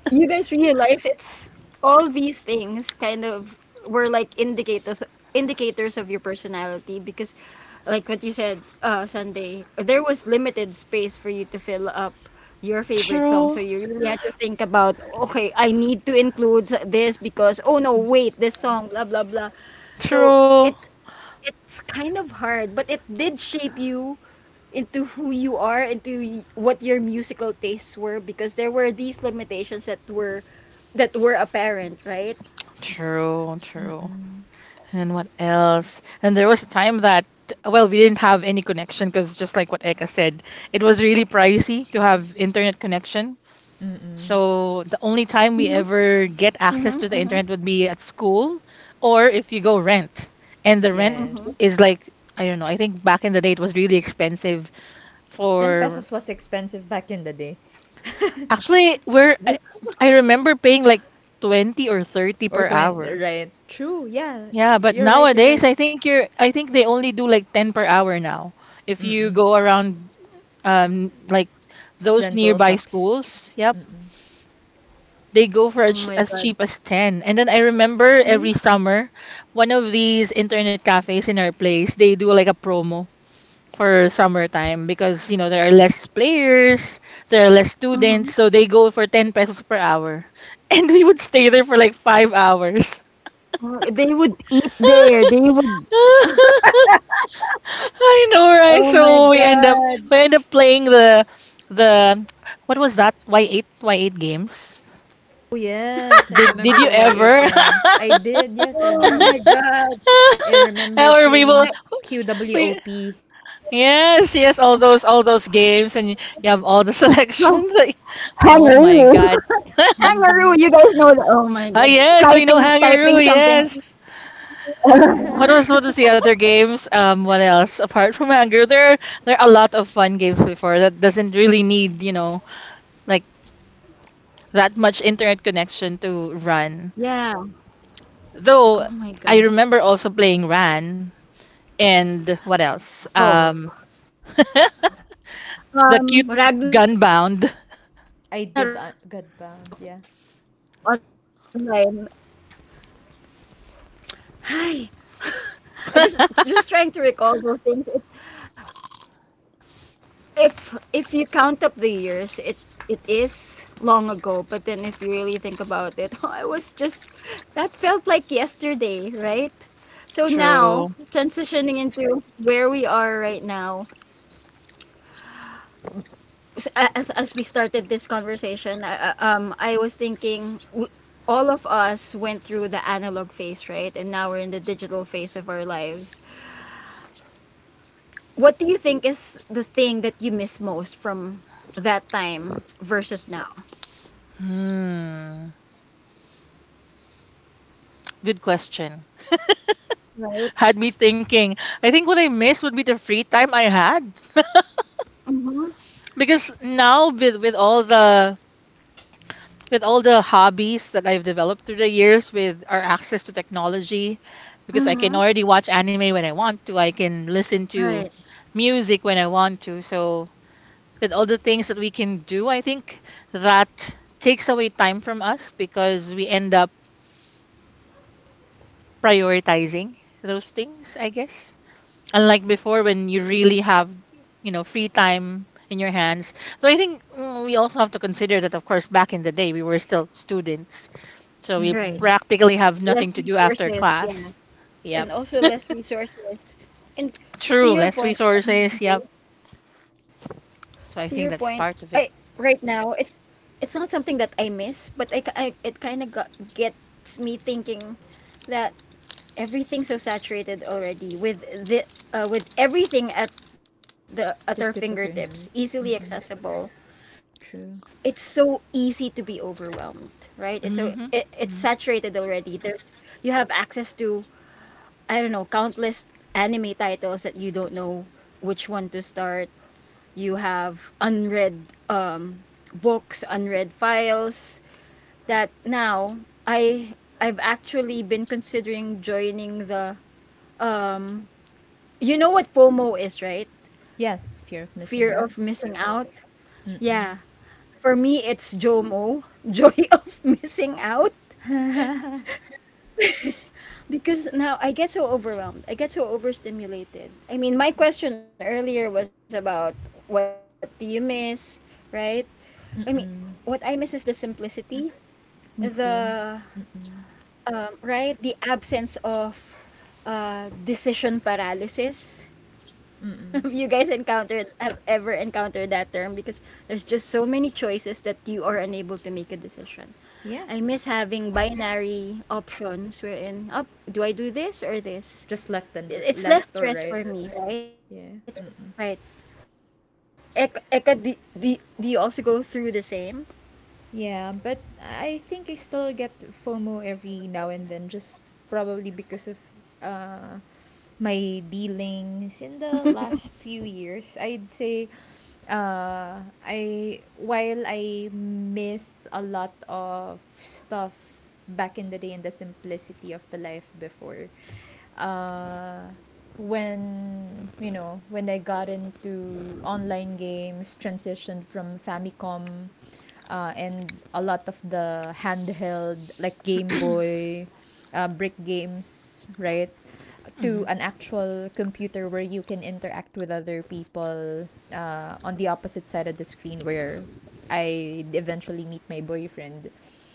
B: You guys realize it's all these things kind of were like indicators of your personality because, like what you said, Sunday, there was limited space for you to fill up your favorite song, so
A: True,
B: you really had to think about, okay, I need to include this because oh no wait this song blah blah blah, so
A: true,
B: it it's kind of hard, but it did shape you into who you are, into what your musical tastes were, because there were these limitations that were apparent, right?
A: true, true.
C: Mm-mm.
A: And what else? And there was a time that, well, we didn't have any connection, because just like what Eka said, it was really pricey to have internet connection.
C: Mm-mm.
A: So the only time we ever get access to the internet would be at school, or if you go rent. And the rent
C: Yes.
A: is like, I don't know, I think back in the day it was really expensive.
C: 10
A: for
C: pesos was expensive back in the day.
A: Actually, we're I, I remember paying like 20 or 30
C: Or
A: per
C: 20,
A: hour.
C: right. True, yeah.
A: Yeah, but
C: You're right, you're
A: nowadays
C: right.
A: I think they only do like 10 per hour now. If you
C: Mm-mm.
A: go around like those
C: Rental
A: nearby
C: shops.
A: schools, yep,
C: Mm-mm.
A: they go
B: Oh
A: for as,
B: my
A: as
B: God.
A: cheap as 10. And then I remember every summer, one of these internet cafes in our place, they do like a promo for summertime, because there are less players, there are less students, so they go for 10 pesos per hour. And we would stay there for like 5 hours.
B: Oh, they would eat there. They would
A: I know, right?
B: oh my
A: So
B: God.
A: we end up playing the what was that? Y8 games?
C: Oh, yes. I
A: Did
C: remember
A: you
C: the Y8
A: ever?
C: games. I did, yes, I
B: Oh
C: did.
B: my God.
C: I remember
A: Or we will
B: I
C: playing
A: we
C: QWOP.
A: Yes, yes, all those games and you
B: oh,
A: have all the selections.
B: Kangaroo.
A: Like, oh my
B: Kangaroo,
A: God.
B: you guys know that. Oh my God. Typing
A: Ah,
B: typing
A: yes, we know
B: something.
A: Hangaroo. Yes. What was the other games? What else apart from Hangaroo? There are a lot of fun games before that doesn't really need like that much internet connection to run.
B: Yeah.
A: Though
B: Oh my
A: I
B: God.
A: remember also playing Ran and what
B: Oh.
A: else?
B: Ragnarok online.
A: The cute
B: Oh my God.
A: Gunbound.
C: I did,
B: Oh my God.
C: Godbound, yeah.
B: Hi. I just just trying to recall those things. If you count up the years, it is long ago. But then if you really think about it, I was just that felt like yesterday, right? So now
A: True.
B: transitioning into where we are right now. As we started this conversation, I was thinking all of us went through the analog phase, right? And now we're in the digital phase of our lives. What do you think is the thing that you miss most from that time versus now?
A: Hmm. Good question.
B: Right.
A: Had me thinking. I think what I missed would be the free time I had.
B: Mhm.
A: Because now with all the with all the hobbies that I've developed through the years with our access to technology, because I can
B: Mhm.
A: already watch anime when I want to, I can listen to
B: Right.
A: music when I want to. So with all the things that we can do, I think that takes away time from us because we end up prioritizing those things, I guess. Unlike before when you really have free time in your hands. So I think we also have to consider that of course back in the day we were still students, so we
B: Right.
C: Mm-mm.
A: practically have nothing
B: Less
A: to do after
B: resources, yeah,
A: class. Yep.
B: and also less resources. And
A: True,
B: to your
A: less
B: point,
A: resources.
B: Sanjay,
A: Yep.
B: to your point,
A: So I
B: I
A: think that's part
B: right
A: of it.
B: now it's not something that I miss, but it kind of got gets me thinking that everything's so saturated already with everything at our
C: The
B: fingertips,
C: tip of your
B: easily
C: hands.
B: accessible.
C: Mm-mm.
B: It's so easy to
C: True.
B: be overwhelmed, right? It's saturated
A: Mm-hmm.
B: already. There's you have access to, I don't know, countless anime titles that you don't know which one to start. You have unread um, books, unread files. That now I I've actually been considering joining the. You know what FOMO is, right?
C: Yes, fear of
B: Fear of
C: missing out.
B: missing out. Yeah,
C: Mm-mm.
B: for me it's JOMO, joy of missing out. Because now I get so overwhelmed. I get so overstimulated. I mean, my question earlier was about what do you miss, right? I mean, what I miss is the
C: Mm-mm.
B: simplicity, the
C: Me too. Mm-mm.
B: right? The absence of decision paralysis. you guys
C: Mm-mm.
B: encountered have ever encountered that term because there's just so many choices that you are unable to make a decision. I miss
C: Yeah.
B: having binary options wherein, oh, do I do this or this?
C: Just
B: It- It's less stress
C: left or
B: for me,
C: right.
B: right? Right.
C: Yeah. Mm-mm.
B: Eka, do you also go through the same?
C: Yeah, but I think I still get FOMO every now and then, just probably because of uh, my dealings in the last few years. I'd say, I while I miss a lot of stuff back in the day and the simplicity of the life before, uh, when you know when I got into online games, transitioned from Famicom, and a lot of the handheld like Game Boy, brick games, right, to
A: Mm-hmm.
C: an actual computer where you can interact with other people on the opposite side of the screen, where I eventually meet my boyfriend.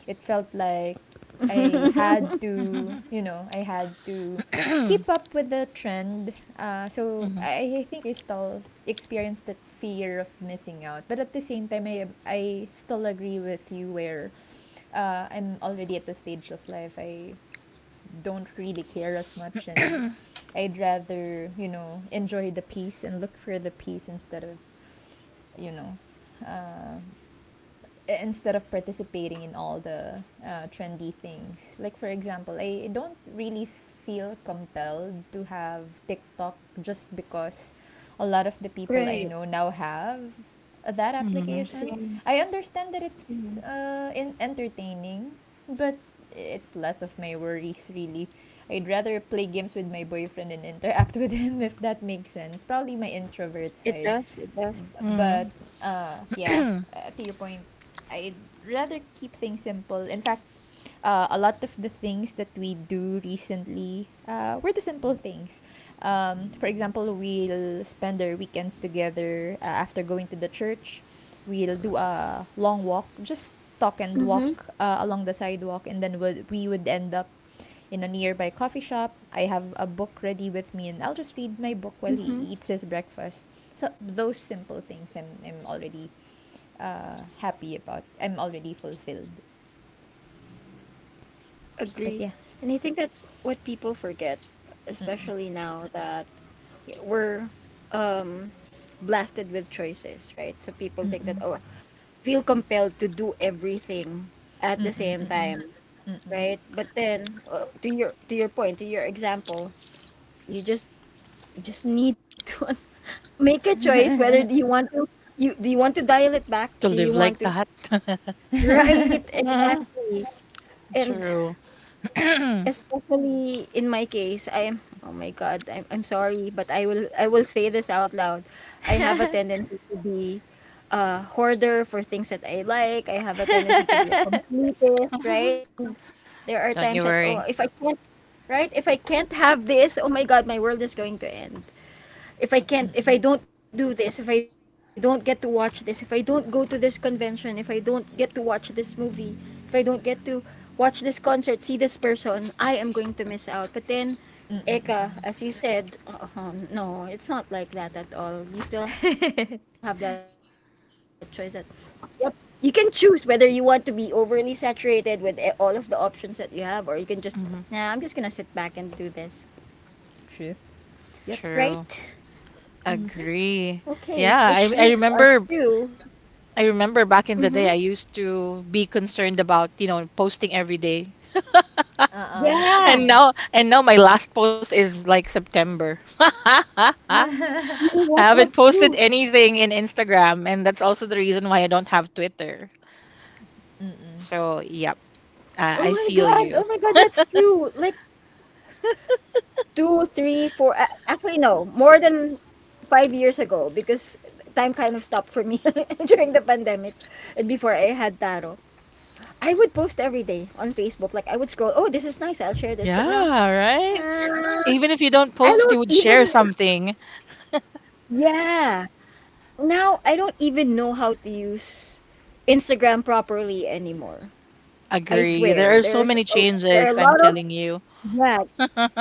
C: It felt like
A: hmm
C: I had to keep up with the trend. So I think I still experience that fear of missing out. But at the same time, I still agree with you, where I'm already at the stage of life. I don't really care as much, and I'd rather, you know, enjoy the peace and look for the peace instead of, you know, uh, participating in all the trendy things. Like, for example, I don't really feel compelled to have TikTok just because a lot of the people
B: Right.
C: I know now have that
A: hmm
C: application.
B: Same.
C: I understand that it's entertaining, but it's less of my worries, really. I'd rather play games with my boyfriend and interact with him, if that makes sense. Probably my introvert
B: It
C: side,
B: does. It does.
A: hmm
C: but yeah.
A: to
C: To your point, I'd rather keep things simple. In fact, a lot of the things that we do recently were the simple things. For example, we'll spend our weekends together after going to the church. We'll do a long walk, just talk and
B: Mm-hmm.
C: walk along the sidewalk, and then we would end up in a nearby coffee shop. I have a book ready with me, and I'll just read my book while he eats his breakfast. So those simple things, I'm already happy about. I'm already fulfilled. But
B: Agree.
C: yeah.
B: And I think that's what people forget, especially now that we're blasted with choices, right? So people think that,
C: Mm-mm.
B: oh, feel compelled to do everything at the
C: Mm-mm.
B: same
C: Mm-mm.
B: time,
C: Mm-mm.
B: right? But then, to your point, to your example, you just you just need to make a choice, whether do you want to dial it back? Do
A: live
B: you
A: like
B: want to
A: that
B: right,
A: Mhm.
B: exactly? And
A: True. don't
B: especially in my case, I'm oh my God, I'm sorry, but I will say this out loud. I have a tendency to be a hoarder for things that I like. I have a tendency to be a completist, right? And there are times that,
A: you
B: oh, if
A: worry
B: I can't, right? If I can't have this, oh my God, my world is going to end if I can't, if I
C: Mm-mm.
B: don't do this, if I don't get to watch this, if I don't go to this convention, if I don't get to watch this movie, if I don't get to watch this concert, see this person, I am going to miss out. But then,
C: Mm-mm.
B: Eka,
C: Mm-mm.
B: as you said, no, it's not like that at all. You still have that choice that, yep, you can choose whether you want to be overly saturated with all of the options that you have, or you can just, nah, I'm just gonna sit back and
A: hmm
B: do this.
C: True.
B: Right?
C: Yep.
A: True.
C: Mm-hmm.
B: Okay,
A: Agree.
B: which leads
A: Yeah, I
B: us
A: I
B: to.
A: remember. I remember
B: Mm-hmm.
A: back in the day I used to be concerned about, you know, posting every day.
C: Uh-uh.
A: And
C: Right.
B: Yeah,
A: now and now my last post is like September. I
B: you know
A: haven't
B: what? That's
A: posted
B: true.
A: anything in Instagram, and that's also the reason why I don't have Twitter.
C: Mm-mm.
B: Oh
A: So,
B: my
A: yep,
B: God. Oh my God,
A: I
B: that's
A: feel
B: true.
A: you.
B: Like two, three, four. Actually, no, more than 5 years ago because time kind of stopped for me during the pandemic and before I had Taro. I would post every day on Facebook. Like I would scroll. Oh, this is nice. I'll share this. But now,
A: Yeah, right?
B: uh,
A: Even if you
B: I
A: don't post,
B: don't
A: you would
B: even.
A: share something.
B: Yeah. Now I don't even know how to use Instagram properly anymore. I
A: Agree.
C: Mm-mm.
B: swear,
A: There are
B: there's
A: so many
B: oh, there are a
A: changes,
B: lot
A: I'm
B: of,
A: telling you.
B: yeah,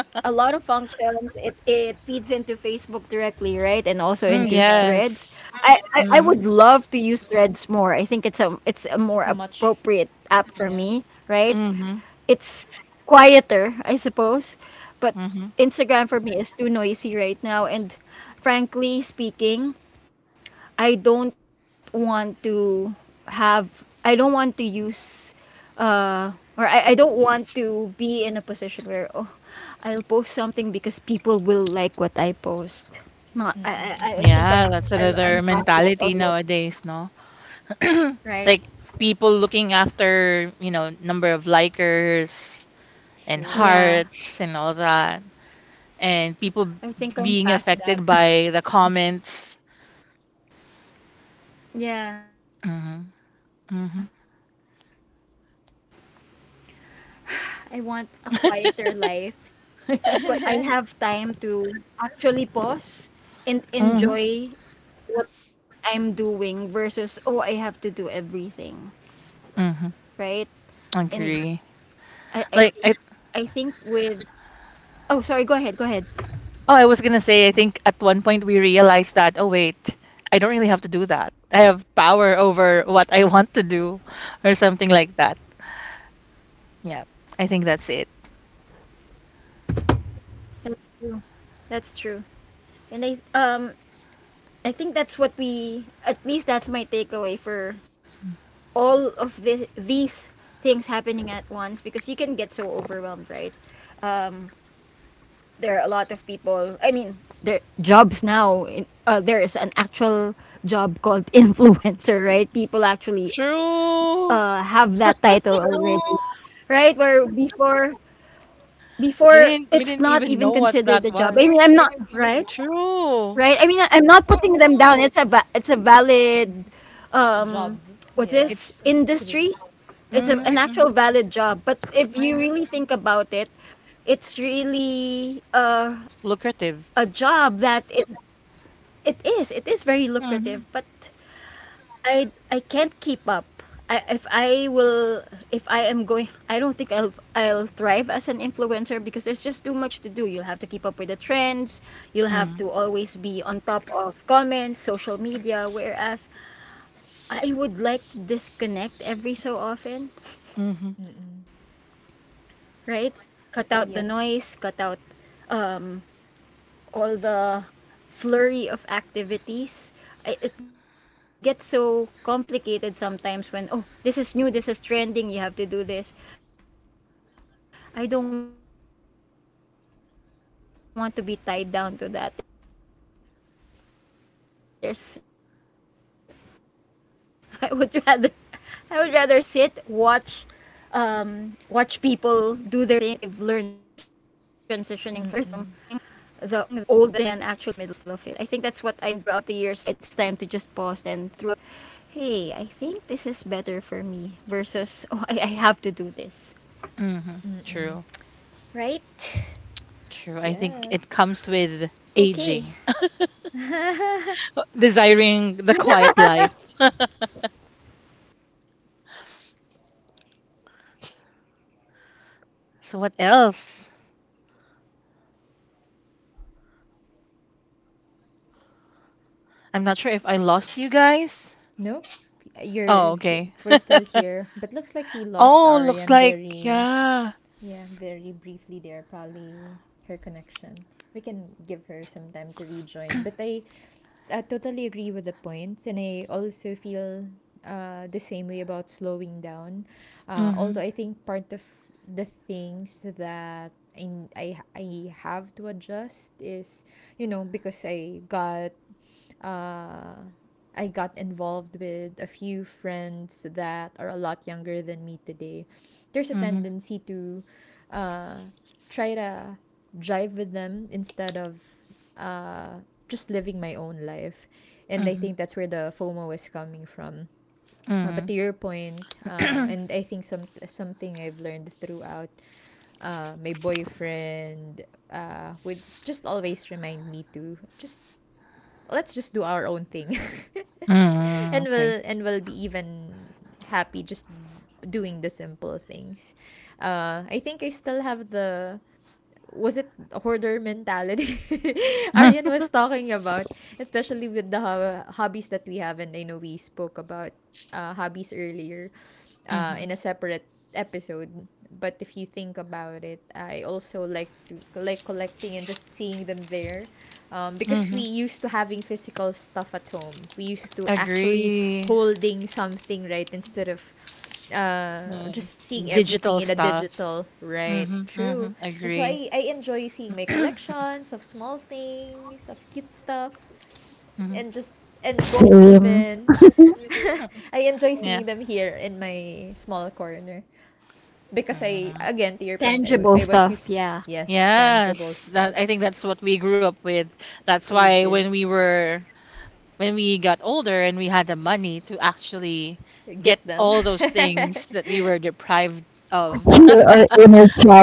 B: a lot of functions. It feeds into Facebook directly, right? And also
A: Mm,
B: into
C: It
B: Threads.
C: does.
A: yes.
B: I
A: Mm-hmm.
B: would love to use Threads more. I think it's a more
C: It's a much...
B: appropriate app for
C: Yeah.
B: me, right?
A: Mm-hmm.
B: It's quieter, I suppose, but
A: hmm
B: Instagram for me is too noisy right now. And frankly speaking, I don't want to I don't want to use uh or I don't want to be in a position where, oh, I'll post something because people will like what I post. Not. I I,
C: Mm-mm.
B: I I
C: Mm-mm.
B: think
A: Yeah, that's
B: I'm
A: another
B: past that
A: mentality
B: already,
A: nowadays, no?
B: right?
A: Like people looking after, you know, number of likers and
C: True.
B: Yeah.
A: hearts and all that, and people
B: I think I'm
A: being
B: past that.
A: affected by the comments.
B: yeah. I
A: Mm-hmm.
B: want a
A: Mm-hmm.
B: quieter life. I think what I value now more is I have time to actually pause and enjoy
A: Mm-hmm.
B: what I'm doing versus oh I have to do everything,
A: Mm-hmm.
B: right?
A: Agree.
B: And
A: Like
B: I,
A: I
B: I think I think with, oh, sorry, go ahead, go ahead.
A: Oh, I was gonna say, I think at one point we realized that, oh wait, I don't really have to do that. I have power over what I want to do, or something like that. Yeah, I think that's it.
B: That's true. That's true. And I think that's what we at least that's my takeaway for all of this these things happening at once because you can get so overwhelmed, right? There are a lot of people. I mean, there jobs now. There is an actual job called influencer, right? People actually
A: True.
B: have that title already, right? Where
A: We
B: before
A: didn't we didn't
B: it's not
A: even know
B: even
A: what
B: considered a
A: that
B: job. I mean, I'm
A: was.
B: not right,
A: True.
B: right. I mean, I'm not putting
A: mm
B: them down. It's a valid um,
C: Job.
B: what's
C: Yeah.
B: this
A: It's
C: It's a bit...
B: industry? It's an
A: hmm
C: Mm-mm.
B: actual
A: hmm
B: valid job. But if you really think about it, it's really
A: lucrative.
B: a job that it is very
A: Mm-hmm.
B: lucrative, but I can't keep up. I, if I will if I am going I don't think I'll thrive as an influencer because there's just too much to do, you'll have to keep up with the trends, you'll
A: Mm.
B: have to always be on top of comments, social media, whereas I would like to disconnect every so often,
A: Mm-hmm.
C: Mm-mm.
B: right, cut out the noise,
C: Yep.
B: cut out um all the flurry of activities. It gets so complicated sometimes when, oh, this is new, this is trending, you have to do this. I don't want to be tied down to that. There's i would rather I would rather sit, watch people do their thing than actually be in the middle of it. I think that's what I've learned throughout the years, transitioning from the olden days to now. I think I've enjoyed, I've been able to enjoy
C: Mm-mm.
B: the technology shifts. And now it's time to just pause and, hey, I think this is better for me versus, oh, I have to do this.
A: Mm-hmm.
B: Right?
C: Mm-mm.
A: True. True. I think it
C: Yes.
B: Okay.
A: comes with aging, desiring the quiet life. So what else? I'm not sure if I lost you guys.
C: Nope.
A: Oh,
C: You're, you
A: okay.
C: We're still here, but looks like we lost
A: Oh, looks
C: Arian,
A: like yeah.
C: very briefly there, probably her connection. We can give her some time to rejoin, but I totally agree with the points, and I also feel the same way about slowing down. Uh,
A: Mm-hmm.
C: although I think part of the things that in I have to adjust is, you know, because uh, I got involved with a few friends that are a lot younger than me today, there's a
A: Mm-hmm.
C: tendency to uh, try to drive with them instead of uh, just living my own life. And I think that's where the FOMO is coming from. Uh,
A: Mm-hmm.
C: but to your point,
A: Mm-hmm.
C: and I think something I've learned throughout, my boyfriend would just always remind me to just, let's just do our own thing
A: Mm,
C: and
A: okay.
C: we'll be even happy just doing the simple things. I think I still have the, was it, hoarder mentality Aryan was talking about, especially with the hobbies that we have. And I know we spoke about hobbies earlier,
A: Mm-hmm.
C: in a separate episode, but if you think about it, I also like to, like, collecting and just seeing them there, because
A: Mm-hmm.
C: we used to having physical stuff at home, we used to actually
A: Agree.
C: holding something, right, instead of
A: Mm.
C: just seeing everything
A: Digital
C: in a
A: stuff.
C: digital, right,
A: Mm-hmm.
C: true.
A: Mm-hmm.
C: And so
A: Agree.
C: I enjoy seeing my collections of small things, of cute stuff,
A: Mm-hmm.
C: and just, and books
B: Same.
C: even. I enjoy
A: Yeah.
C: seeing them here in my small corner, because I,
A: Mhm.
C: again, to your point, I was used, yes, tangible
A: Yes. That
C: stuff,
A: I think that's what we grew up with. That's
C: we
A: why
C: did
A: when we got older and we had the money to actually get
C: get them.
A: all those things that we were deprived
B: Heal
A: of.
B: our inner child.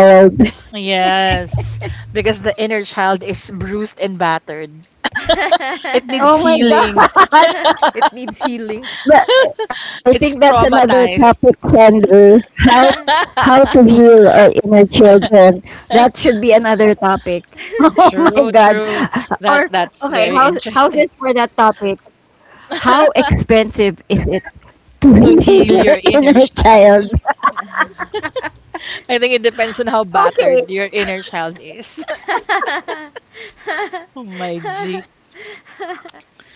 A: Yes. Because the inner child is bruised and battered. It needs healing.
C: It needs healing.
B: that, I think that's
A: It's
B: another topic,
A: traumatized.
B: Sandra, how how to heal our inner children, that should be another topic, oh my
A: True,
B: God,
A: true. That
B: or
A: that's
B: okay,
A: very
B: how's
A: interesting.
B: this for that topic, to
A: To
B: heal
A: heal your
B: your
A: inner
B: inner
A: child.
B: child,
A: I think it depends on how battered your inner child is. Oh my G.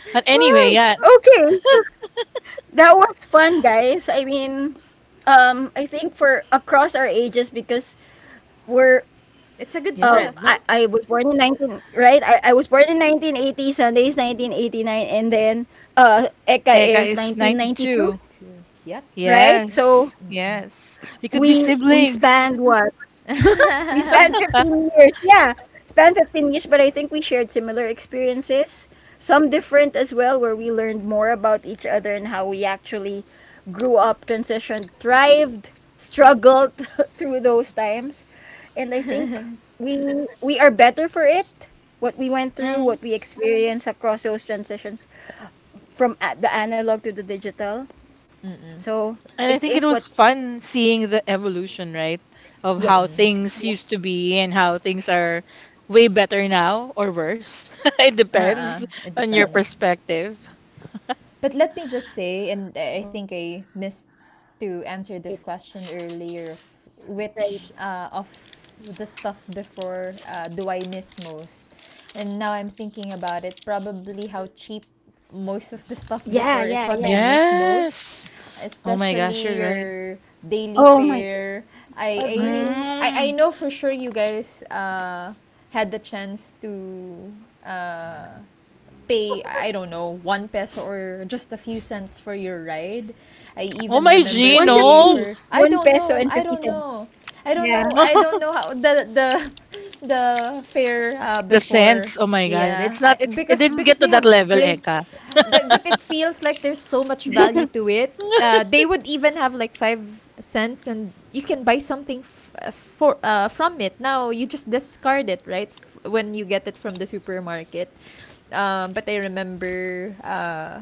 A: But anyway, yeah.
C: It's a good
A: Yeah.
C: spread, no?
A: Eka is 92.
C: To, yep. Yep.
A: Yes.
C: Mm mm.
A: Yes. We could be siblings. Mhm.
C: Mm mm.
A: And I think it was fun seeing the evolution, right? Of
C: Mm
A: how
C: mm.
B: yes,
A: things used to be and how things are way better now or worse. It depends
C: It
A: on your
C: depends.
A: perspective.
C: But let me just say, and I think I missed to answer this question earlier, of the stuff before, do I miss most? And now I'm thinking about it, probably how cheap most of the stuff before is what I miss most,
A: Yes. Oh my gosh,
C: especially
A: you're right.
C: your daily fare. I I I
A: Mm.
C: know for sure you guys had the chance to uh, pay, I don't know, 1 peso or just a few cents for your ride. I
A: Oh
C: even
A: my
C: remember
A: G,
C: paying
A: no.
C: for, I don't know, I don't know, I don't know, I don't know how the the fare
A: The
C: before.
A: sense. Oh my God.
C: Yeah,
A: It's not it's it didn't get
C: because
A: to
C: they
A: that
C: have
A: level,
C: great,
A: Eka.
C: but it feels like there's so much value to it. They would even have like 5 cents, and you can buy something f- for from it. Now you just discard it, right? When you get it from the supermarket, but I remember,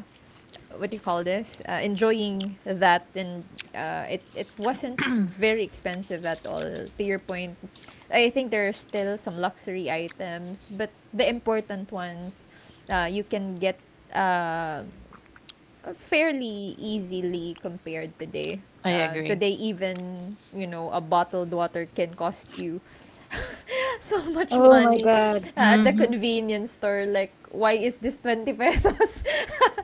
C: what do you call this? Enjoying that, and it wasn't very expensive at all. To your point, I think there are still some luxury items, but the important ones, you can get uh, fairly easily compared today.
A: I
C: Uh,
A: agree.
C: today, even, you know, a bottled water can cost you so much money at the
A: Mm-hmm.
C: convenience store. Like, why is this 20 pesos?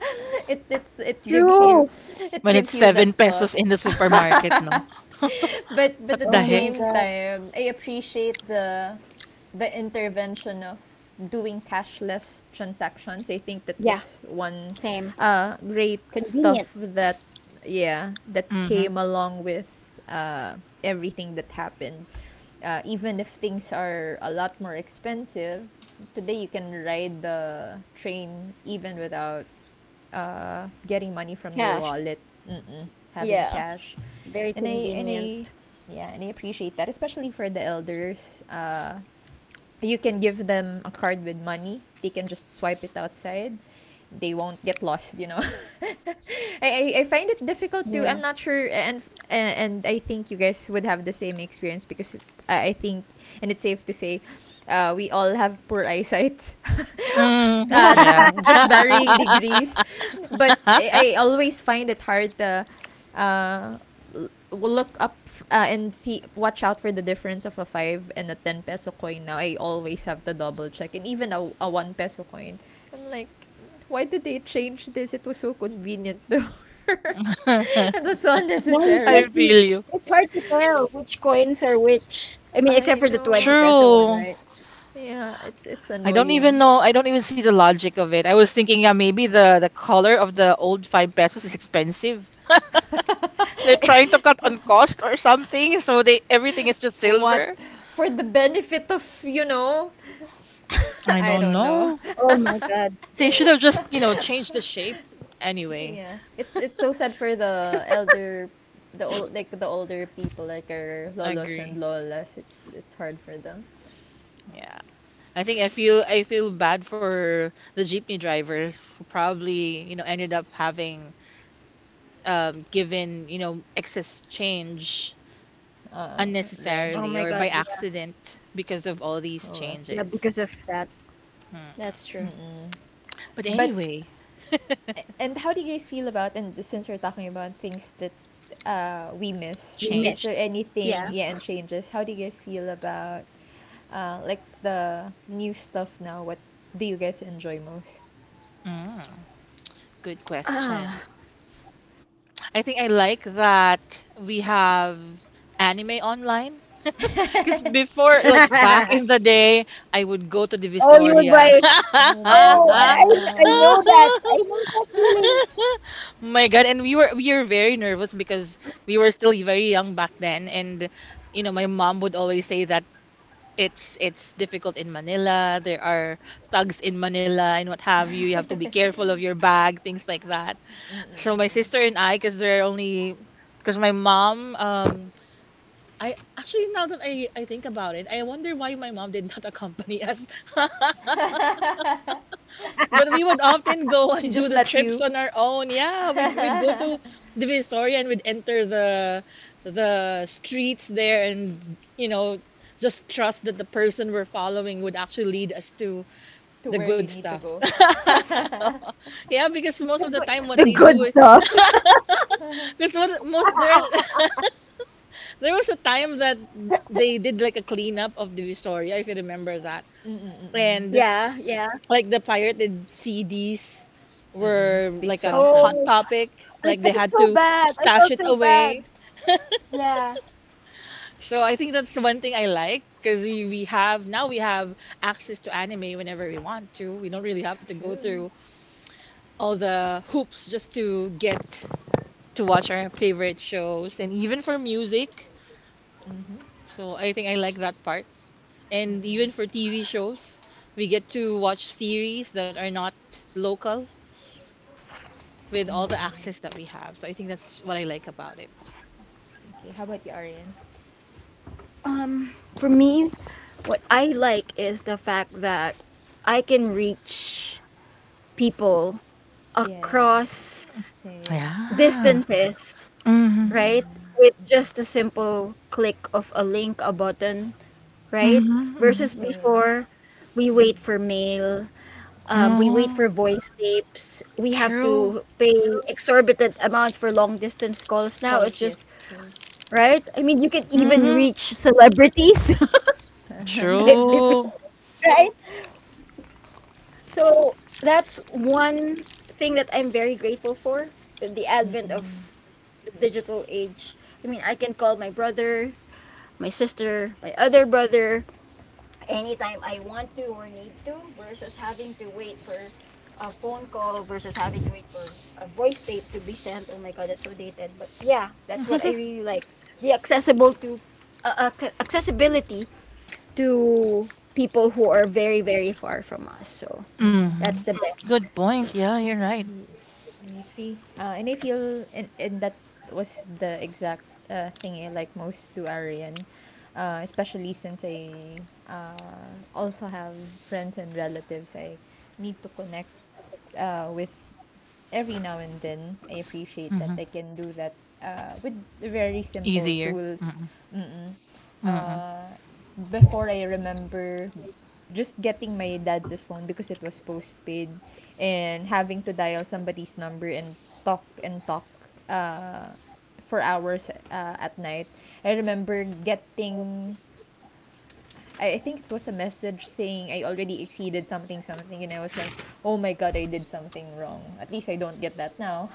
C: it it's, it gives you it
A: When it's
C: gives you
A: seven
C: that thought.
A: pesos in the supermarket, no.
C: but but
A: What
C: at the
A: the heck?
C: same time, I appreciate the intervention of doing cashless transactions. I think that was one great stuff that
A: Mm-hmm.
C: came along with everything that happened. Even if things are a lot more expensive, today you can ride the train even without getting money from your wallet, Mm-mm. having cash, and I and I yeah, and I appreciate that, especially for the elders. You can give them a card with money. They can just swipe it outside. They won't get lost, you know. I find it difficult to. I'm not sure, and I think you guys would have the same experience, because I think, and it's safe to say, we all have poor eyesight,
A: Mm. Yeah.
C: just varying degrees. But I always find it hard to, we'll look up, and see, watch out for the difference of a 5 and a 10 peso coin. Now I always have to double check, and even a 1 peso coin, I'm like, why did they change this? It was so convenient before. It was so
A: I
C: unnecessary.
A: feel you.
C: I know.
A: True.
C: Yeah, it's
A: I don't even
C: annoying.
A: know. I don't even see the logic of it. I was thinking, yeah, maybe the color of the old five pesos is expensive. They're trying to cut on cost or something, so they everything is just
C: What,
A: silver.
C: for the benefit of, you know.
A: I
C: I
A: don't
C: don't know.
A: know. They should have just, you know, changed the shape. Anyway,
C: Yeah, it's so sad for the elder, the old, like the older people, like our
A: I
C: lolos and
A: agree.
C: lolas. It's hard for them.
A: Yeah. I think I feel bad for the jeepney drivers who probably, you know, ended up having given, you know, excess change
C: Right.
A: unnecessarily or by accident because of all these
C: Oh well.
A: changes. Mm.
C: Mm-mm.
A: But
C: But,
A: anyway,
C: and how do you guys feel about, and since we're talking about things that we miss, is there
A: changed.
C: anything, yeah, and changes? How do you guys feel about, like, the new stuff now? What do you guys enjoy most?
A: Mm, good question. I think I like that we have anime online. Because before, like back in the day, I would go to the Visoria.
C: Oh my gosh.
A: My God, and we were very nervous because we were still very young back then, and you know, my mom would always say that it's difficult in Manila. There are thugs in Manila and what have you. You have to be careful of your bag, things like that. So my
C: Mm-mm-mm.
A: sister and I, because my mom, um, I actually now that I think about it, I wonder why my mom did not accompany us. But we would often go
C: She
A: and do
C: just
A: the
C: let
A: trips
C: you
A: on our own. Yeah, we'd we'd go to
C: to
A: Divisoria, and we'd enter the streets there, and you know, just trust that the person we're following would actually lead us to the
C: where
A: good
C: you need to
A: stuff.
C: go. Mm-mm,
A: Yeah, because most of the time
B: the
A: what they
B: good
A: do,
B: stuff,
A: because what most there there was a time that they did like a cleanup of Divisoria, if you remember that.
C: mm-mm,
A: And like the pirated CDs
C: mm-mm.
A: were
C: They
A: like a
C: swept
A: hot
C: them.
A: topic.
B: oh,
A: Like they had
B: I
A: to
B: felt so
A: stash it
B: bad, I felt
A: away.
B: so bad.
A: So I think that's one thing I like, because we have access to anime whenever we want to. We don't really have to go
C: True.
A: through all the hoops just to get to watch our favorite shows, and even for music.
C: Mm-hmm.
A: So I think I like that part. And
C: Mm-mm,
A: even for TV shows, we get to watch series that are not local with all the
C: mm-mm.
A: access that we have. So I think that's what I like about it.
C: Okay, how about you, Arian? Yeah. Same.
A: Yeah. Mm-hmm.
C: Mm-mm, mm-mm.
A: Mm-hmm.
C: Same. Mm-mm.
A: Mm-hmm. True.
C: Colossus, true.
A: Mm-hmm. True.
C: Mm-mm, mm-mm.
A: Mm-hmm. Good point. Yeah, you're right.
C: He, I agree. And I feel, and that was the exact thing I like most, to Aryan, especially since I also have friends and relatives I need to connect with every now and then. I appreciate that
A: Mm-hmm.
C: I can do that with very simple
A: Easier.
C: tools.
A: Mm-mm.
C: Mm-mm.
A: Mm-mm.
C: Uh, before, I remember just getting my dad's phone because it was postpaid, and having to dial somebody's number and talk uh, for hours at night. I remember getting, I think it was a message saying I already exceeded something, something, and I was like, "Oh my God, I did something wrong." At least I don't get that now.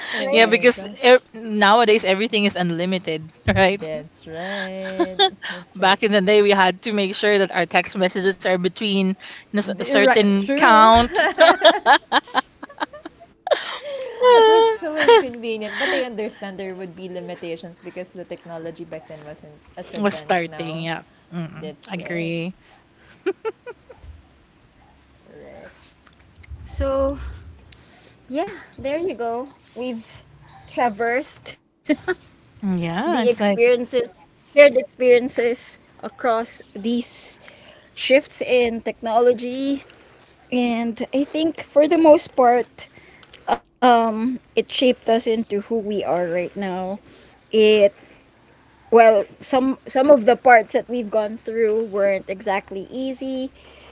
C: Oh
A: Yeah,
C: my
A: because
C: gosh.
A: nowadays everything is unlimited, right?
C: That's right. That's right.
A: Back in the day, we had to make sure that our text messages are between a
C: Right.
A: certain
C: True.
A: count.
C: That was so inconvenient. But I understand there would be limitations because the technology back then wasn't as
A: Was
C: advanced
A: starting.
C: now.
A: Yeah, mm
C: That's right.
A: agree.
C: Right.
A: Mm. Yeah, it's like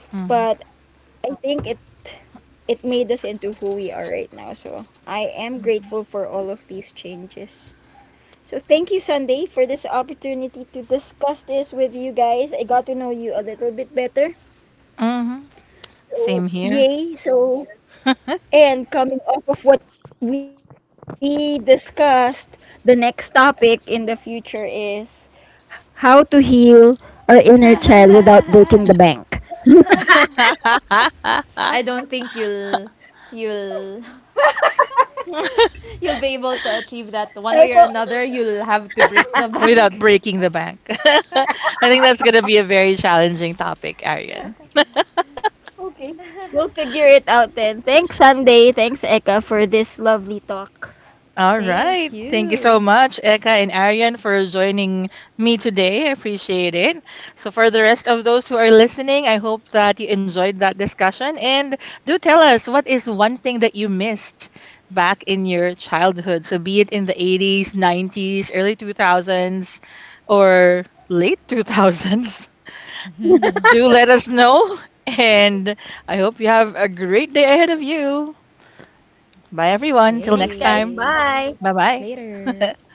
A: mm-hmm.
C: Hmm.
A: hmm Same here.
C: I don't think you'll you'll be able to achieve that one way or another. You'll have to break the
A: Without
C: bank.
A: breaking the bank. I think that's gonna be a very challenging topic, Arian. All right.
C: Thank
A: Thank you so
C: you.
A: much, Eka and Arian, for joining me today. I appreciate it. So, for the rest of those who are listening, I hope that you enjoyed that discussion. And do tell us, what is one thing that you missed back in your childhood? So, be it in the 80's, 90's, early 2000s, or late 2000s. Do let us know. And I hope you have a great day ahead of you. Bye, everyone. Till next time.
C: Yay.
A: Bye
C: Later.
A: Bye.